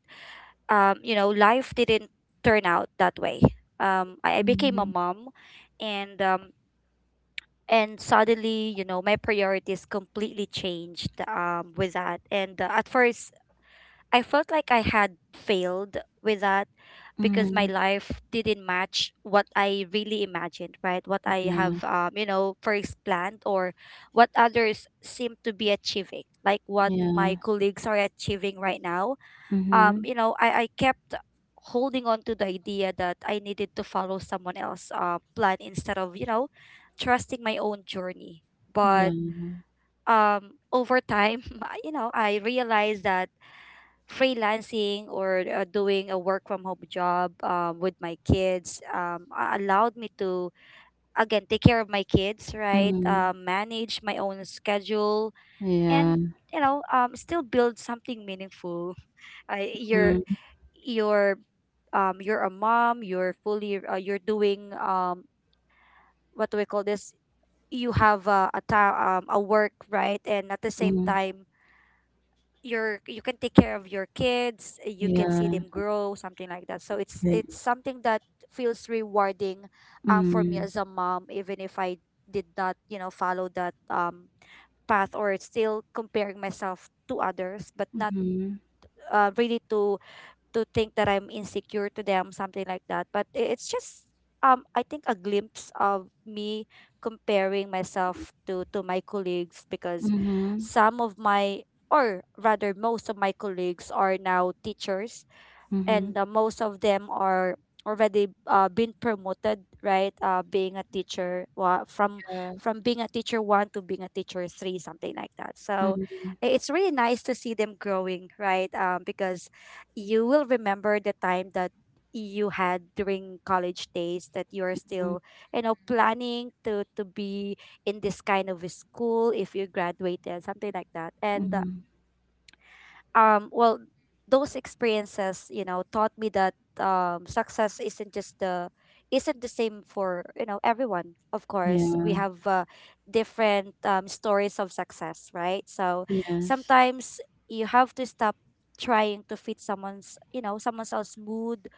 [SPEAKER 3] life didn't turn out that way. I became a
[SPEAKER 1] Mm.
[SPEAKER 3] mom, and um, and suddenly, my priorities completely changed with that. And at first, I felt like I had failed with that, because my
[SPEAKER 1] Hmm.
[SPEAKER 3] life didn't match what I really imagined, right? What I
[SPEAKER 1] Yeah.
[SPEAKER 3] have, first planned, or what others seem to be achieving, like what
[SPEAKER 1] Yeah.
[SPEAKER 3] my colleagues are achieving right now.
[SPEAKER 1] Mm-hmm.
[SPEAKER 3] I kept holding on to the idea that I needed to follow someone else's plan, instead of trusting my own journey.
[SPEAKER 1] Yeah.
[SPEAKER 3] But over time, I realized that freelancing, or doing a work from home job with my kids, allowed me to, again, take care of my kids, right?
[SPEAKER 1] Mm,
[SPEAKER 3] Manage my own schedule and,
[SPEAKER 1] yeah.
[SPEAKER 3] you know, still build something meaningful. I,
[SPEAKER 1] Mm.
[SPEAKER 3] your You're a mom, you're fully, you're doing, what do we call this, you have, a work, right, and at the same
[SPEAKER 1] Hmm.
[SPEAKER 3] time, you can take care of your kids, you can see them
[SPEAKER 1] Yeah.
[SPEAKER 3] grow, something like that, so it's
[SPEAKER 1] You're,
[SPEAKER 3] it's something that feels rewarding, for me
[SPEAKER 1] mm.
[SPEAKER 3] as a mom, even if I did not follow that path, or it's still comparing myself to others, but not
[SPEAKER 1] Mm-hmm.
[SPEAKER 3] really to think that I'm insecure to them, something like that. But it's just, I think, a glimpse of me comparing myself to my colleagues, because
[SPEAKER 1] Mhm,
[SPEAKER 3] some of my, or rather most of my, colleagues are now teachers,
[SPEAKER 1] mhm,
[SPEAKER 3] and most of them are already been promoted, right, being a teacher, wa- from
[SPEAKER 2] Yeah,
[SPEAKER 3] from being a teacher one to being a teacher three, something like that, so
[SPEAKER 1] mhm,
[SPEAKER 3] it's really nice to see them growing, right, because you will remember the time that you had during college days, that you are
[SPEAKER 1] mhm,
[SPEAKER 3] still, planning to be in this kind of a school, if you graduated, something like that. And
[SPEAKER 1] mhm.
[SPEAKER 3] well, those experiences taught me that success isn't the same for everyone. Of course we
[SPEAKER 1] Yeah,
[SPEAKER 3] have different stories of success, right, so
[SPEAKER 1] yes,
[SPEAKER 3] sometimes you have to stop trying to fit someone's you know someone else's mood,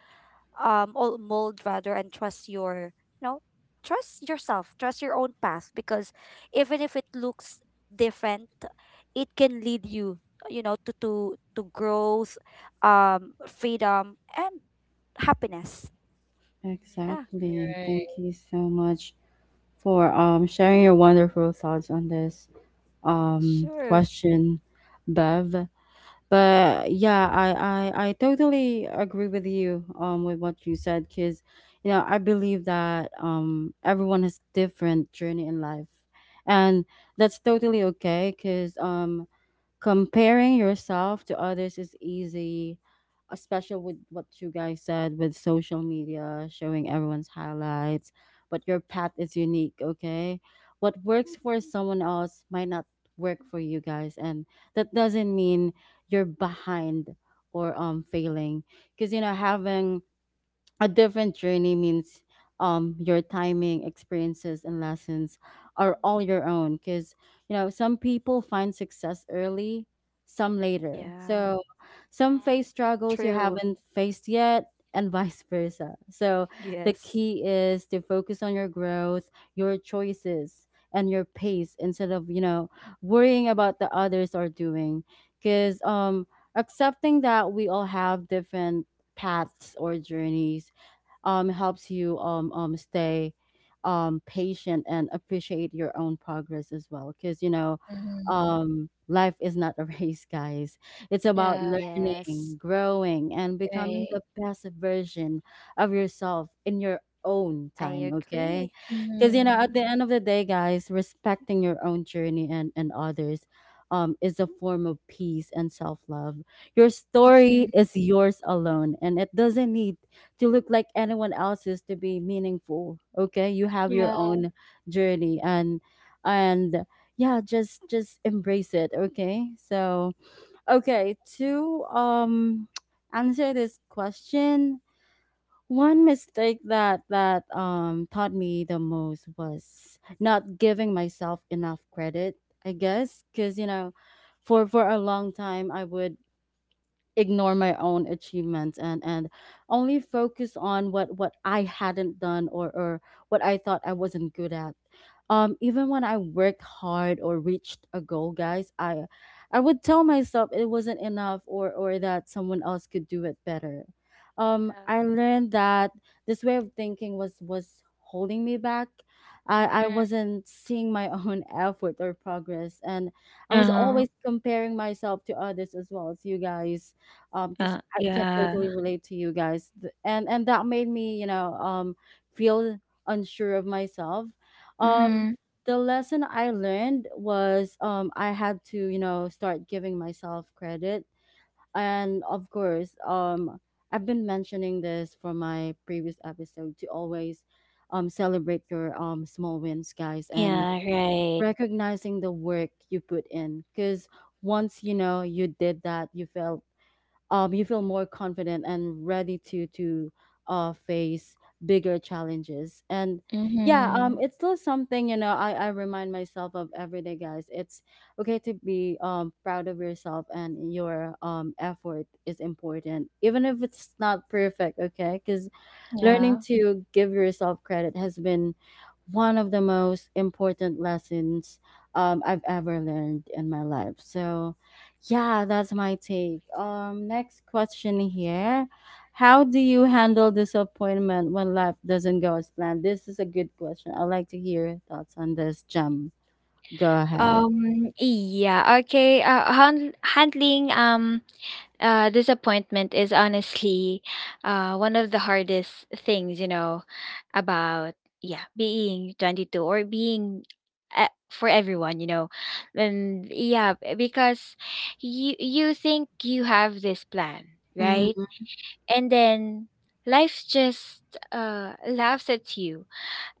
[SPEAKER 3] old mold rather, and you know trust yourself, trust your own path, because even if it looks different, it can lead you you know to growth, freedom, and happiness. Yeah.
[SPEAKER 2] you're
[SPEAKER 1] exactly. Thank
[SPEAKER 2] right.
[SPEAKER 1] you so much for sharing your wonderful thoughts on this
[SPEAKER 3] Sure.
[SPEAKER 1] question, Bev. But yeah, I totally agree with you with what you said, because you know I believe that everyone has different journey in life, and that's totally okay because comparing yourself to others is easy, especially with what you guys said with social media showing everyone's highlights. But your path is unique, okay. What works for someone else might not work for you guys, and that doesn't mean you're behind or failing. Because you know, having a different journey means your timing, experiences and lessons are all your own. Because you know, some people find success early, some later,
[SPEAKER 3] Yeah.
[SPEAKER 1] so some face struggles you
[SPEAKER 3] True.
[SPEAKER 1] haven't faced yet and vice versa. So the
[SPEAKER 3] Yes.
[SPEAKER 1] key is to focus on your growth, your choices and your pace, instead of you know worrying about the others are doing. Because accepting that we all have different paths or journeys helps you stay patient and appreciate your own progress as well. Because, you know,
[SPEAKER 2] Mm-hmm.
[SPEAKER 1] life is not a race, guys. It's about
[SPEAKER 2] Yeah,
[SPEAKER 3] Yes.
[SPEAKER 1] learning, growing, and becoming
[SPEAKER 2] right.
[SPEAKER 1] the best version of yourself in your own
[SPEAKER 3] I
[SPEAKER 1] time, okay?
[SPEAKER 3] agree.
[SPEAKER 1] Because, you know,
[SPEAKER 2] Mm-hmm.
[SPEAKER 1] at
[SPEAKER 3] Mhm.
[SPEAKER 1] the end of the day, guys, respecting your own journey, and others. Is a form of peace and self love. Your story
[SPEAKER 2] Mm-hmm.
[SPEAKER 1] is yours alone, and it doesn't need to look like anyone else's to be meaningful, okay. You have your
[SPEAKER 2] Yeah,
[SPEAKER 1] own journey, and and yeah, just embrace it, okay. So okay, to answer this question, one mistake that taught me the most was not giving myself enough credit, I guess. Because you know, for a long time, I would ignore my own achievements, and only focus on what I hadn't done, or what I thought I wasn't good at. Even when I worked hard or reached a goal, guys, I would tell myself it wasn't enough, or that someone else could do it better.
[SPEAKER 2] yeah.
[SPEAKER 1] I learned that this way of thinking was holding me back. I
[SPEAKER 2] Mm-hmm.
[SPEAKER 1] wasn't seeing my own effort or progress, and I was
[SPEAKER 2] Uh,
[SPEAKER 1] always comparing myself to others as well, as you guys because I can
[SPEAKER 2] yeah.
[SPEAKER 1] totally relate to you guys. And that made me you know feel unsure of myself. um
[SPEAKER 2] Mm-hmm.
[SPEAKER 1] the lesson I learned was I had to you know start giving myself credit. And of course, I've been mentioning this from my previous episode to always celebrate your small wins, guys, and
[SPEAKER 2] Yeah, right.
[SPEAKER 1] recognizing the work you put in. Because once you know you did that, you felt you feel more confident and ready to face bigger challenges. And yeah,
[SPEAKER 2] Mm-hmm.
[SPEAKER 1] it's still something, you know. I remind myself of every day, guys. It's okay to be proud of yourself, and your effort is important, even if it's not perfect. Okay, because
[SPEAKER 2] Yeah.
[SPEAKER 1] learning to give yourself credit has been one of the most important lessons I've ever learned in my life. So, yeah, that's my take. Next question here. How do you handle disappointment when life doesn't go as planned? This is a good question. I'd like to hear your thoughts on this, Jam. Go ahead.
[SPEAKER 2] Yeah, okay. Handling disappointment is honestly one of the hardest things, you know, about yeah, being 22, or being for everyone, you know. And yeah, because you think you have this plan, right?
[SPEAKER 1] Mm-hmm.
[SPEAKER 2] And then life just laughs at you,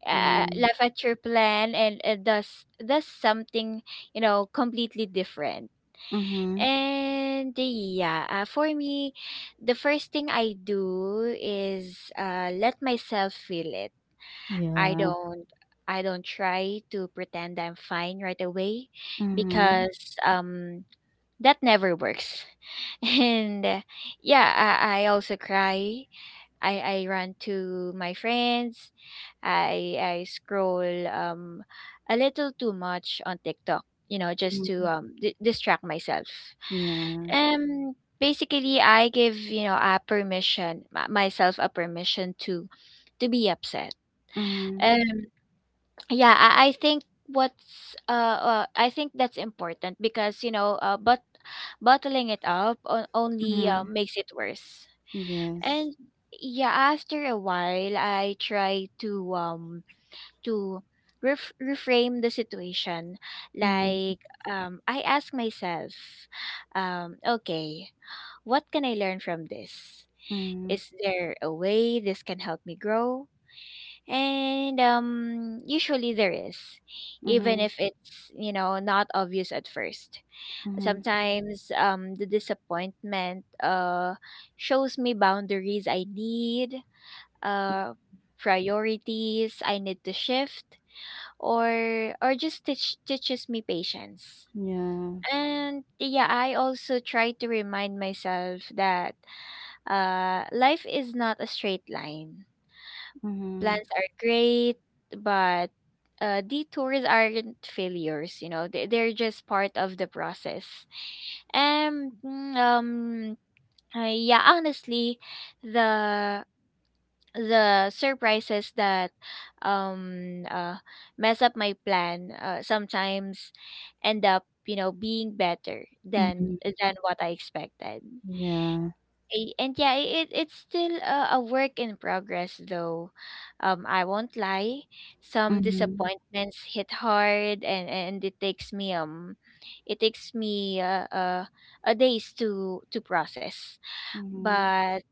[SPEAKER 1] Yeah.
[SPEAKER 2] laugh at your plan, and does something, you know, completely different.
[SPEAKER 1] Mm-hmm.
[SPEAKER 2] And yeah, for me, the first thing I do is let myself feel it. I
[SPEAKER 1] Yeah.
[SPEAKER 2] don't I don't try to pretend I'm fine right away,
[SPEAKER 1] Mm-hmm.
[SPEAKER 2] because that never works. And yeah, I also cry, I run to my friends. I scroll a little too much on TikTok, you know, just to
[SPEAKER 1] Mm-hmm.
[SPEAKER 2] distract myself.
[SPEAKER 1] Yeah.
[SPEAKER 2] Um basically I give, you know, a permission myself a permission to be upset.
[SPEAKER 1] Mm-hmm.
[SPEAKER 2] Um yeah, I think what's I think that's important, because you know but bottling it up only
[SPEAKER 1] Mm-hmm.
[SPEAKER 2] makes it worse.
[SPEAKER 1] Yes.
[SPEAKER 2] And yeah, after a while, I try to to reframe the situation.
[SPEAKER 1] Mm-hmm.
[SPEAKER 2] Like I ask myself, okay, what can I learn from this?
[SPEAKER 1] Mm-hmm.
[SPEAKER 2] Is there a way this can help me grow? And usually there is, even if it's, you know, not obvious at first.
[SPEAKER 1] Mm-hmm.
[SPEAKER 2] Sometimes the disappointment shows me boundaries I need, uh priorities I need to shift, or or just teaches me patience.
[SPEAKER 1] Yeah.
[SPEAKER 2] And yeah, I also try to remind myself that life is not a straight line.
[SPEAKER 1] Mm-hmm.
[SPEAKER 2] Plans are great, but detours aren't failures, you know. They're just part of the process. And yeah, honestly, the the surprises that um uh, mess up my plan sometimes end up, you know, being better than
[SPEAKER 1] Mm,
[SPEAKER 2] than what I expected.
[SPEAKER 1] yeah.
[SPEAKER 2] And yeah, it it's still a work in progress though. I won't lie. Some
[SPEAKER 1] Mhm,
[SPEAKER 2] disappointments hit hard, and it takes me it takes me uh, uh a days to process.
[SPEAKER 1] mhm,
[SPEAKER 2] But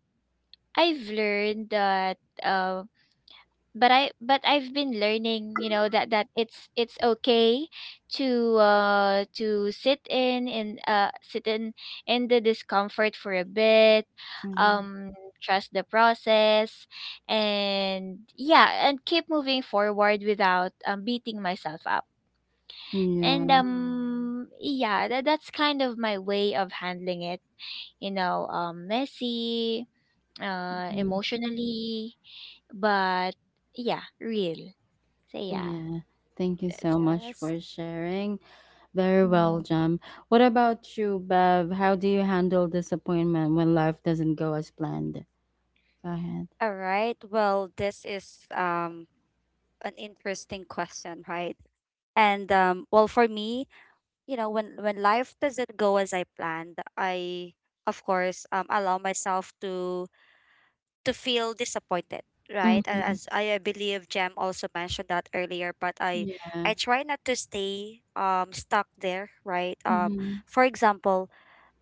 [SPEAKER 2] I've learned that uh, but I but I've been learning, you know, that that it's okay to sit in the discomfort for a bit,
[SPEAKER 1] mhm.
[SPEAKER 2] um trust the process, and yeah, and keep moving forward without beating myself up. And
[SPEAKER 1] Yeah.
[SPEAKER 2] yeah, that's kind of my way of handling it, you know, messy,
[SPEAKER 1] Mm.
[SPEAKER 2] emotionally, but yeah, real. So yeah,
[SPEAKER 1] Yeah. Thank you
[SPEAKER 2] that's
[SPEAKER 1] so much
[SPEAKER 3] Yes.
[SPEAKER 1] for sharing. Very well,
[SPEAKER 2] Mm.
[SPEAKER 1] Jam. What about you, Bev? How do you handle disappointment when life doesn't go as planned? Go ahead.
[SPEAKER 3] All right, well, this is, an interesting question, right, and, well, for me, when life doesn't go as I planned, I of course allow myself to feel disappointed, right. A-
[SPEAKER 1] Mhm.
[SPEAKER 3] as i uh, believe Jem also mentioned that earlier, but i
[SPEAKER 1] Yeah.
[SPEAKER 3] i try not to stay stuck there, right.
[SPEAKER 1] Mhm.
[SPEAKER 3] For example,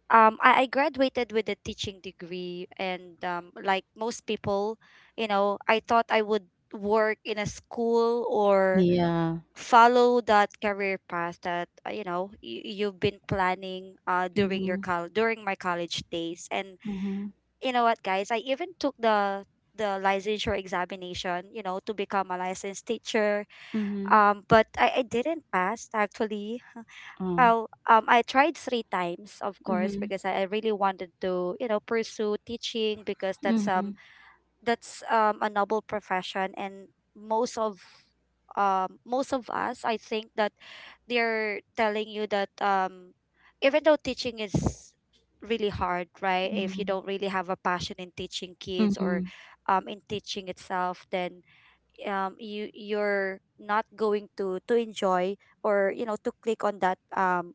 [SPEAKER 3] I graduated with a teaching degree, and like most people, I thought I would work in a school, or
[SPEAKER 1] Yeah.
[SPEAKER 3] follow that career path that you've been planning during your
[SPEAKER 1] Mhm,
[SPEAKER 3] col during my college days, and
[SPEAKER 1] mhm,
[SPEAKER 3] you know what, guys, I even took the licensure examination, to become a licensed teacher.
[SPEAKER 1] mhm.
[SPEAKER 3] But I didn't pass, actually.
[SPEAKER 1] Oh.
[SPEAKER 3] Oh. I tried three times, of course,
[SPEAKER 1] Mhm,
[SPEAKER 3] because I really wanted to, pursue teaching, because that's um
[SPEAKER 1] mhm,
[SPEAKER 3] that's a noble profession, and most of most of us, I think, that they're telling you that, even though teaching is really hard, right, if you
[SPEAKER 1] mhm,
[SPEAKER 3] don't really have a passion in teaching kids, or
[SPEAKER 1] mhm,
[SPEAKER 3] in teaching itself, then, you're not going to enjoy, or to click on that,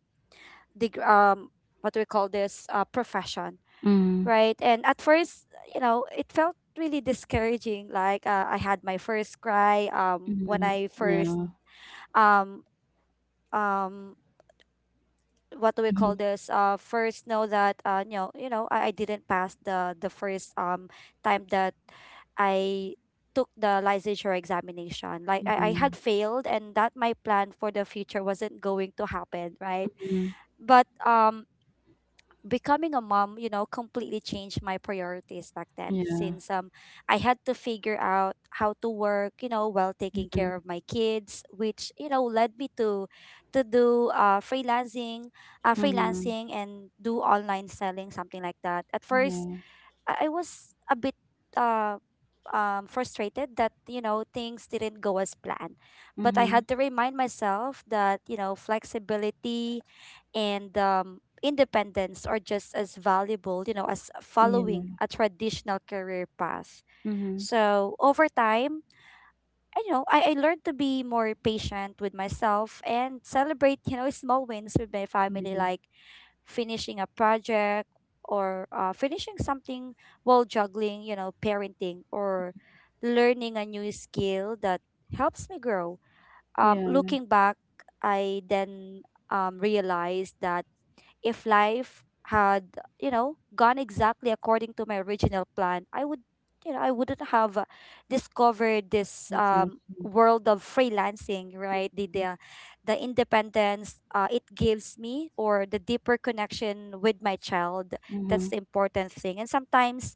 [SPEAKER 3] deg- um what do we call this, profession,
[SPEAKER 1] mhm,
[SPEAKER 3] right? And at first, it felt really discouraging. Like, I had my first cry when
[SPEAKER 1] mhm.
[SPEAKER 3] I first,
[SPEAKER 1] Yeah.
[SPEAKER 3] um um what do we call
[SPEAKER 1] Mhm.
[SPEAKER 3] this, first know that, I didn't pass the first time that I took the licensure examination. Like I had
[SPEAKER 1] Yeah.
[SPEAKER 3] failed, and that my plan for the future wasn't going to happen, right?
[SPEAKER 1] Mhm.
[SPEAKER 3] But becoming a mom, completely changed my priorities back then,
[SPEAKER 1] Yeah.
[SPEAKER 3] since I had to figure out how to work, while taking
[SPEAKER 1] Mhm,
[SPEAKER 3] care of my kids, which, led me to do uh freelancing, uh
[SPEAKER 1] mhm.
[SPEAKER 3] freelancing and do online selling, something like that. At first,
[SPEAKER 1] Yeah.
[SPEAKER 3] I was a bit uh frustrated that, things didn't go as planned. But I had
[SPEAKER 1] Mhm.
[SPEAKER 3] to remind myself that, flexibility and independence are just as valuable, as following
[SPEAKER 1] Yeah.
[SPEAKER 3] a traditional career path.
[SPEAKER 1] Mhm.
[SPEAKER 3] So over time, I you know I learned to be more patient with myself, and celebrate, small wins with my family,
[SPEAKER 1] Mhm.
[SPEAKER 3] like finishing a project, or finishing something, while juggling, parenting, or learning a new skill that helps me grow.
[SPEAKER 1] Yeah,
[SPEAKER 3] Looking back, I then realized that if life had, gone exactly according to my original plan, I wouldn't have discovered this
[SPEAKER 1] exactly.
[SPEAKER 3] world of freelancing, right? The independence it gives me, or the deeper connection with my child. That's
[SPEAKER 1] Mhm.
[SPEAKER 3] the important thing. And sometimes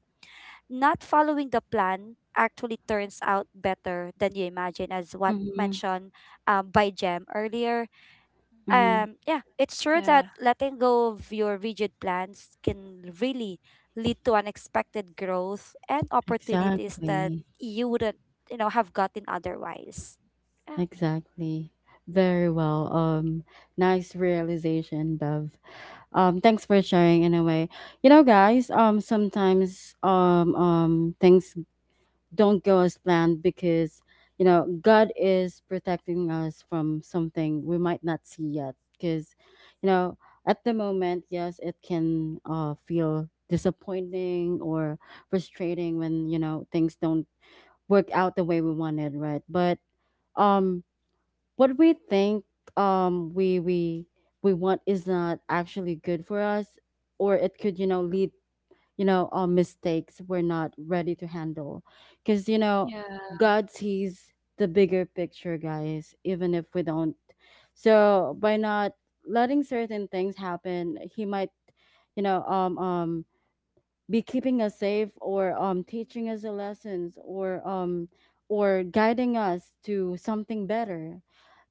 [SPEAKER 3] not following the plan actually turns out better than you imagine, as what
[SPEAKER 1] Mhm.
[SPEAKER 3] mentioned by Jem earlier.
[SPEAKER 1] Mhm.
[SPEAKER 3] Yeah, it's true that
[SPEAKER 2] Yeah,
[SPEAKER 3] letting go of your rigid plans can really lead to unexpected growth and opportunities that
[SPEAKER 1] Exactly.
[SPEAKER 3] you wouldn't, have gotten otherwise. Yeah.
[SPEAKER 1] Exactly. Very well. Nice realization, Bev. Thanks for sharing in a way. You know, guys, sometimes things don't go as planned because you know god is protecting us from something we might not see yet. Because you know, at the moment, yes, it can feel disappointing or frustrating when you know things don't work out the way we wanted, right? But um what we think um we we we want is not actually good for us, or it could you know lead, you know, mistakes we're not ready to handle. Because you know
[SPEAKER 2] yeah,
[SPEAKER 1] god sees the bigger picture, guys, even if we don't. So by not letting certain things happen, he might you know be keeping us safe, or teaching us the lessons, or guiding us to something better.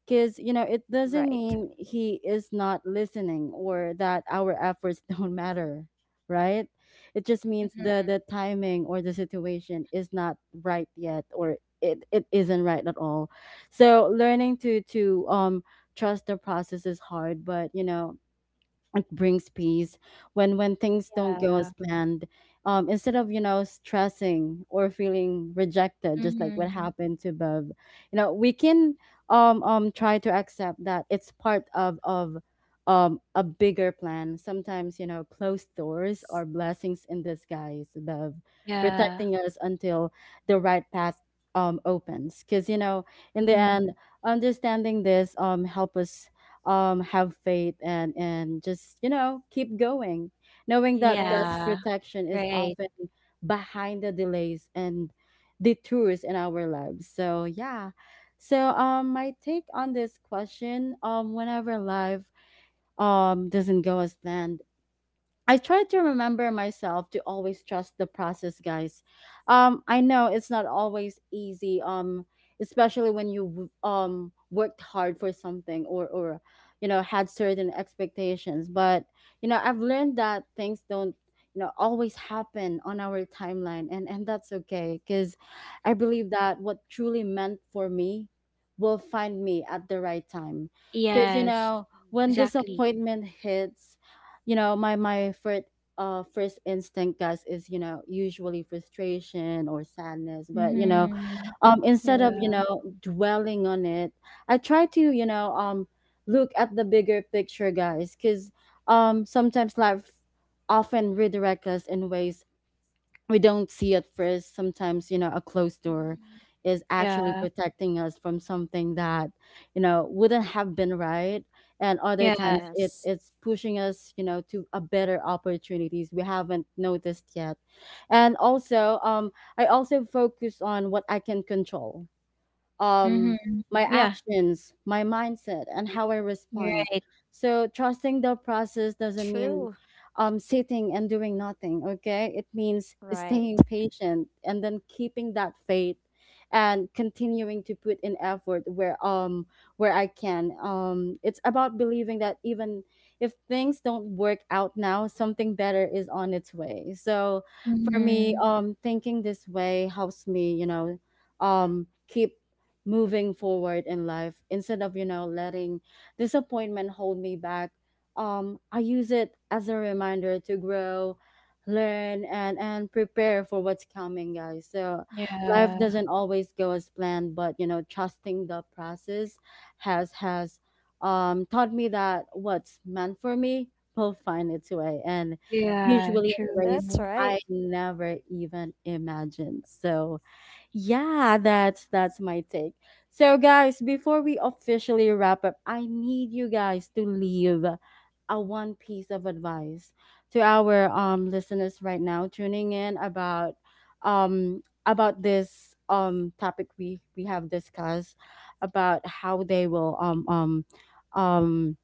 [SPEAKER 1] Because you know it doesn't
[SPEAKER 3] Right.
[SPEAKER 1] mean he is not listening, or that our efforts don't matter, right. It just means the timing or the situation is not right yet, or it isn't right at all. So learning to trust the process is hard, but you know it brings peace when things don't go as planned, instead of you know stressing or feeling rejected, just like what
[SPEAKER 2] mm-hmm.
[SPEAKER 1] happened to Bev, you know we can try to accept that it's part of a bigger plan. Sometimes you know closed doors are blessings in disguise, Bev,
[SPEAKER 2] Yeah,
[SPEAKER 1] protecting us until the right path opens. Because you know, in the
[SPEAKER 2] mm-hmm.
[SPEAKER 1] end, understanding this help us have faith, and just you know keep going, knowing that god's
[SPEAKER 3] Yes.
[SPEAKER 2] Yeah,
[SPEAKER 1] protection is
[SPEAKER 2] right,
[SPEAKER 1] often behind the delays and detours in our lives. So my take on this question, whenever life doesn't go as planned, I try to remember myself to always trust the process, guys. I know it's not always easy, especially when you worked hard for something or you know, had certain expectations. But, you know, I've learned that things don't, you know, always happen on our timeline. And that's okay, because I believe that what truly meant for me will find me at the right time. Because, you
[SPEAKER 2] yes,
[SPEAKER 1] know,
[SPEAKER 3] Yeah.
[SPEAKER 1] when
[SPEAKER 2] exactly,
[SPEAKER 1] disappointment hits, you know, my first instinct guys, is you know, usually frustration or sadness. But you know,
[SPEAKER 2] mm-hmm.
[SPEAKER 1] instead of you
[SPEAKER 2] Yeah,
[SPEAKER 1] know dwelling on it, I try to, you know, look at the bigger picture, guys, because sometimes life often redirects us in ways we don't see at first. Sometimes you know, a closed door is actually
[SPEAKER 2] yeah,
[SPEAKER 1] protecting us from something that, you know, wouldn't have been right, and other
[SPEAKER 2] yeah,
[SPEAKER 1] times it's
[SPEAKER 3] Yes.
[SPEAKER 1] it's pushing us, you know, to a better opportunities we haven't noticed yet. And also, I also focus on what I can control. um,
[SPEAKER 2] mm-hmm.
[SPEAKER 1] my
[SPEAKER 2] Yeah,
[SPEAKER 1] actions, my mindset, and how I respond.
[SPEAKER 2] right,
[SPEAKER 1] So trusting the process doesn't mean,
[SPEAKER 3] True.
[SPEAKER 1] sitting and doing nothing. Okay, it means
[SPEAKER 3] Right.
[SPEAKER 1] staying patient and then keeping that faith and continuing to put in effort where I can. It's about believing that even if things don't work out now, something better is on its way. So for me,
[SPEAKER 2] mm-hmm.
[SPEAKER 1] thinking this way helps me, you know, keep moving forward in life, instead of you know letting disappointment hold me back. I use it as a reminder to grow, learn, and prepare for what's coming, guys. So life
[SPEAKER 2] Yeah,
[SPEAKER 1] doesn't always go as planned, but you know, trusting the process has taught me that what's meant for me will find its way, and
[SPEAKER 2] yeah,
[SPEAKER 1] usually
[SPEAKER 2] true.
[SPEAKER 1] in a ways
[SPEAKER 3] That's right.
[SPEAKER 1] I never even imagined. So yeah, that's my take. So guys, before we officially wrap up, I need you guys to leave a one piece of advice to our listeners right now tuning in about this topic we have discussed, about how they will um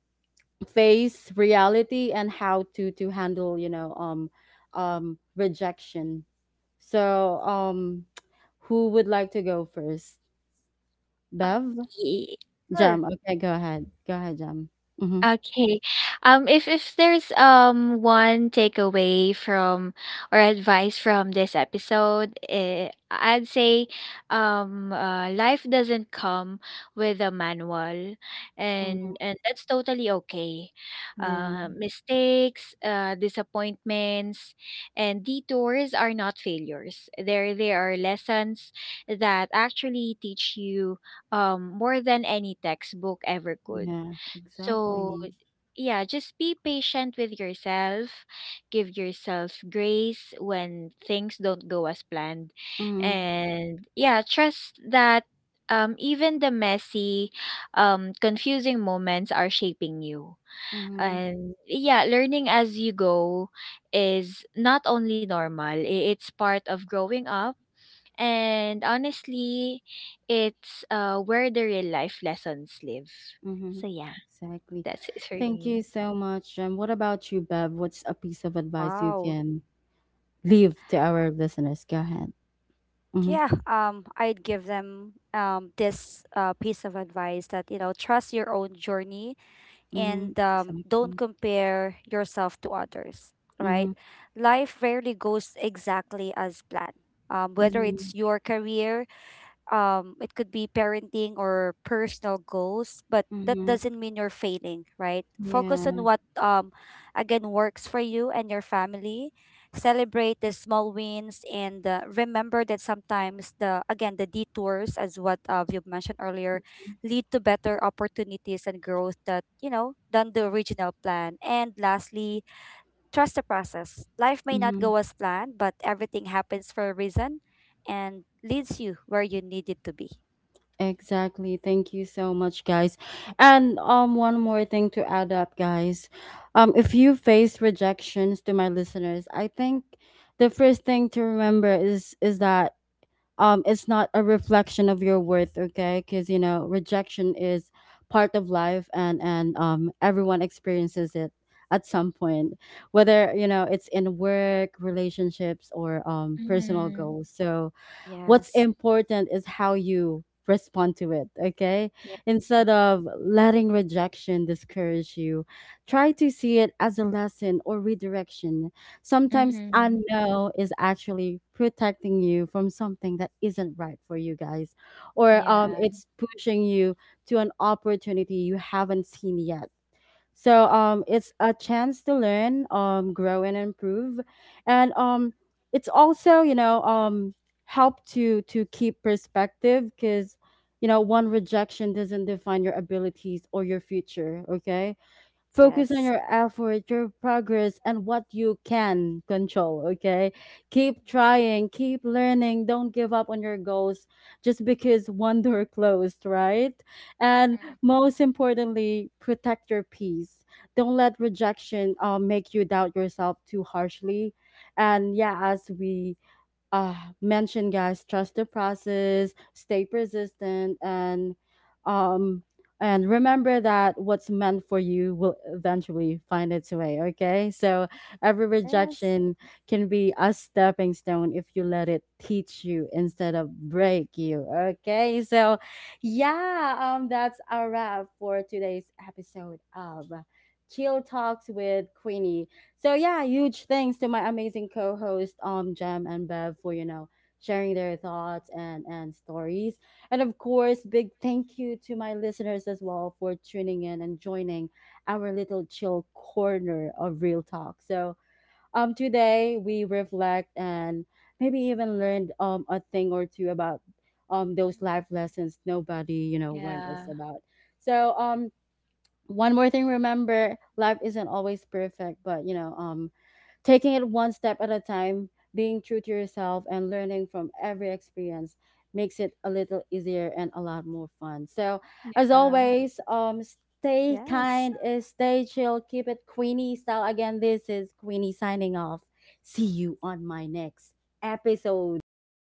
[SPEAKER 1] face reality and how to handle, you know, rejection. So, who would like to go first?
[SPEAKER 2] Um,
[SPEAKER 1] Bev?
[SPEAKER 2] Y-
[SPEAKER 3] Sure.
[SPEAKER 1] Jam. Okay, go ahead. Go ahead, Jam. Mm-hmm.
[SPEAKER 2] Okay. If there's one takeaway from or advice from this episode, eh, I'd say, life doesn't come with a manual,
[SPEAKER 1] Mm-hmm.
[SPEAKER 2] and that's totally okay.
[SPEAKER 1] Yeah.
[SPEAKER 2] Mistakes, disappointments, and detours are not failures. There they are lessons that actually teach you more than any textbook ever could.
[SPEAKER 1] Yeah.
[SPEAKER 2] So
[SPEAKER 1] Exactly.
[SPEAKER 2] yeah, just be patient with yourself. Give yourself grace when things don't go as planned.
[SPEAKER 1] Mm-hmm.
[SPEAKER 2] And yeah, trust that even the messy, confusing moments are shaping you.
[SPEAKER 1] Mm-hmm.
[SPEAKER 2] And yeah, learning as you go is not only normal, it's part of growing up. And honestly, it's where the real life lessons live.
[SPEAKER 1] Mm-hmm.
[SPEAKER 2] So yeah.
[SPEAKER 1] Exactly.
[SPEAKER 2] That's it for
[SPEAKER 1] Thank
[SPEAKER 2] me.
[SPEAKER 1] you so much, Jam. What about you, Bev? What's a piece of advice you
[SPEAKER 3] Wow.
[SPEAKER 1] can leave to our listeners? Go ahead. Mm-hmm.
[SPEAKER 3] Yeah, I'd give them this piece of advice, that, trust your own journey,
[SPEAKER 1] Mm-hmm.
[SPEAKER 3] and don't
[SPEAKER 1] Exactly.
[SPEAKER 3] compare yourself to others, right?
[SPEAKER 1] Mm-hmm.
[SPEAKER 3] Life rarely goes exactly as planned. Whether
[SPEAKER 1] Mm-hmm.
[SPEAKER 3] it's your career, it could be parenting or personal goals, but that
[SPEAKER 1] Mm-hmm.
[SPEAKER 3] doesn't mean you're failing, right. Focus on
[SPEAKER 1] Yeah.
[SPEAKER 3] what again works for you and your family. Celebrate the small wins, and remember that sometimes the again the detours, as what you mentioned earlier, lead to better opportunities and growth, that, than the original plan, and lastly, trust the process. Life may not go as planned, but everything happens for a reason and leads you where you need it to be.
[SPEAKER 1] Exactly. Thank you so much, guys. And one more thing to add up, guys. If you face rejections to my listeners, I think the first thing to remember is that it's not a reflection of your worth, okay? Cuz you know, rejection is part of life, and everyone experiences it at some point, whether you know it's in work, relationships, or
[SPEAKER 2] Yeah.
[SPEAKER 1] personal
[SPEAKER 2] Mm-hmm.
[SPEAKER 1] goals. So what's
[SPEAKER 3] Yes,
[SPEAKER 1] important is how you respond to it. Okay,
[SPEAKER 2] Yeah.
[SPEAKER 1] instead of letting rejection discourage you, try to see it as a lesson or redirection. Sometimes a
[SPEAKER 2] Mm-hmm.
[SPEAKER 1] no is actually protecting you from something that isn't right for you, guys, or
[SPEAKER 2] Yeah.
[SPEAKER 1] it's pushing you to an opportunity you haven't seen yet. So it's a chance to learn, grow and improve, and it's also, you know, help to keep perspective because, you know, one rejection doesn't define your abilities or your future. Okay, focus on
[SPEAKER 3] yes,
[SPEAKER 1] your effort, your progress, and what you can control, okay? Keep trying, keep learning, don't give up on your goals just because one door closed, right? And most importantly, protect your peace. Don't let rejection, make you doubt yourself too harshly. And yeah, as we uh mentioned, guys, trust the process, stay persistent, um and remember that what's meant for you will eventually find its way. Okay, so every
[SPEAKER 3] yes,
[SPEAKER 1] rejection can be a stepping stone if you let it teach you instead of break you. Okay, so yeah, that's our wrap for today's episode of Chill Talks with Queenie. So yeah, huge thanks to my amazing co-host, Jem and Bev, for you know sharing their thoughts and stories. And of course, big thank you to my listeners as well for tuning in and joining our little chill corner of real talk. So today we reflect and maybe even learned a thing or two about those life lessons nobody you know warned us
[SPEAKER 2] Yeah.
[SPEAKER 1] about. So one more thing, remember life isn't always perfect, but you know, taking it one step at a time, being true to yourself, and learning from every experience makes it a little easier and a lot more fun. So, as
[SPEAKER 2] Yeah.
[SPEAKER 1] always, stay
[SPEAKER 3] yes.
[SPEAKER 1] kind, stay chill, keep it Queenie style. Again, this is Queenie signing off. See you on my next episode. Goodbye.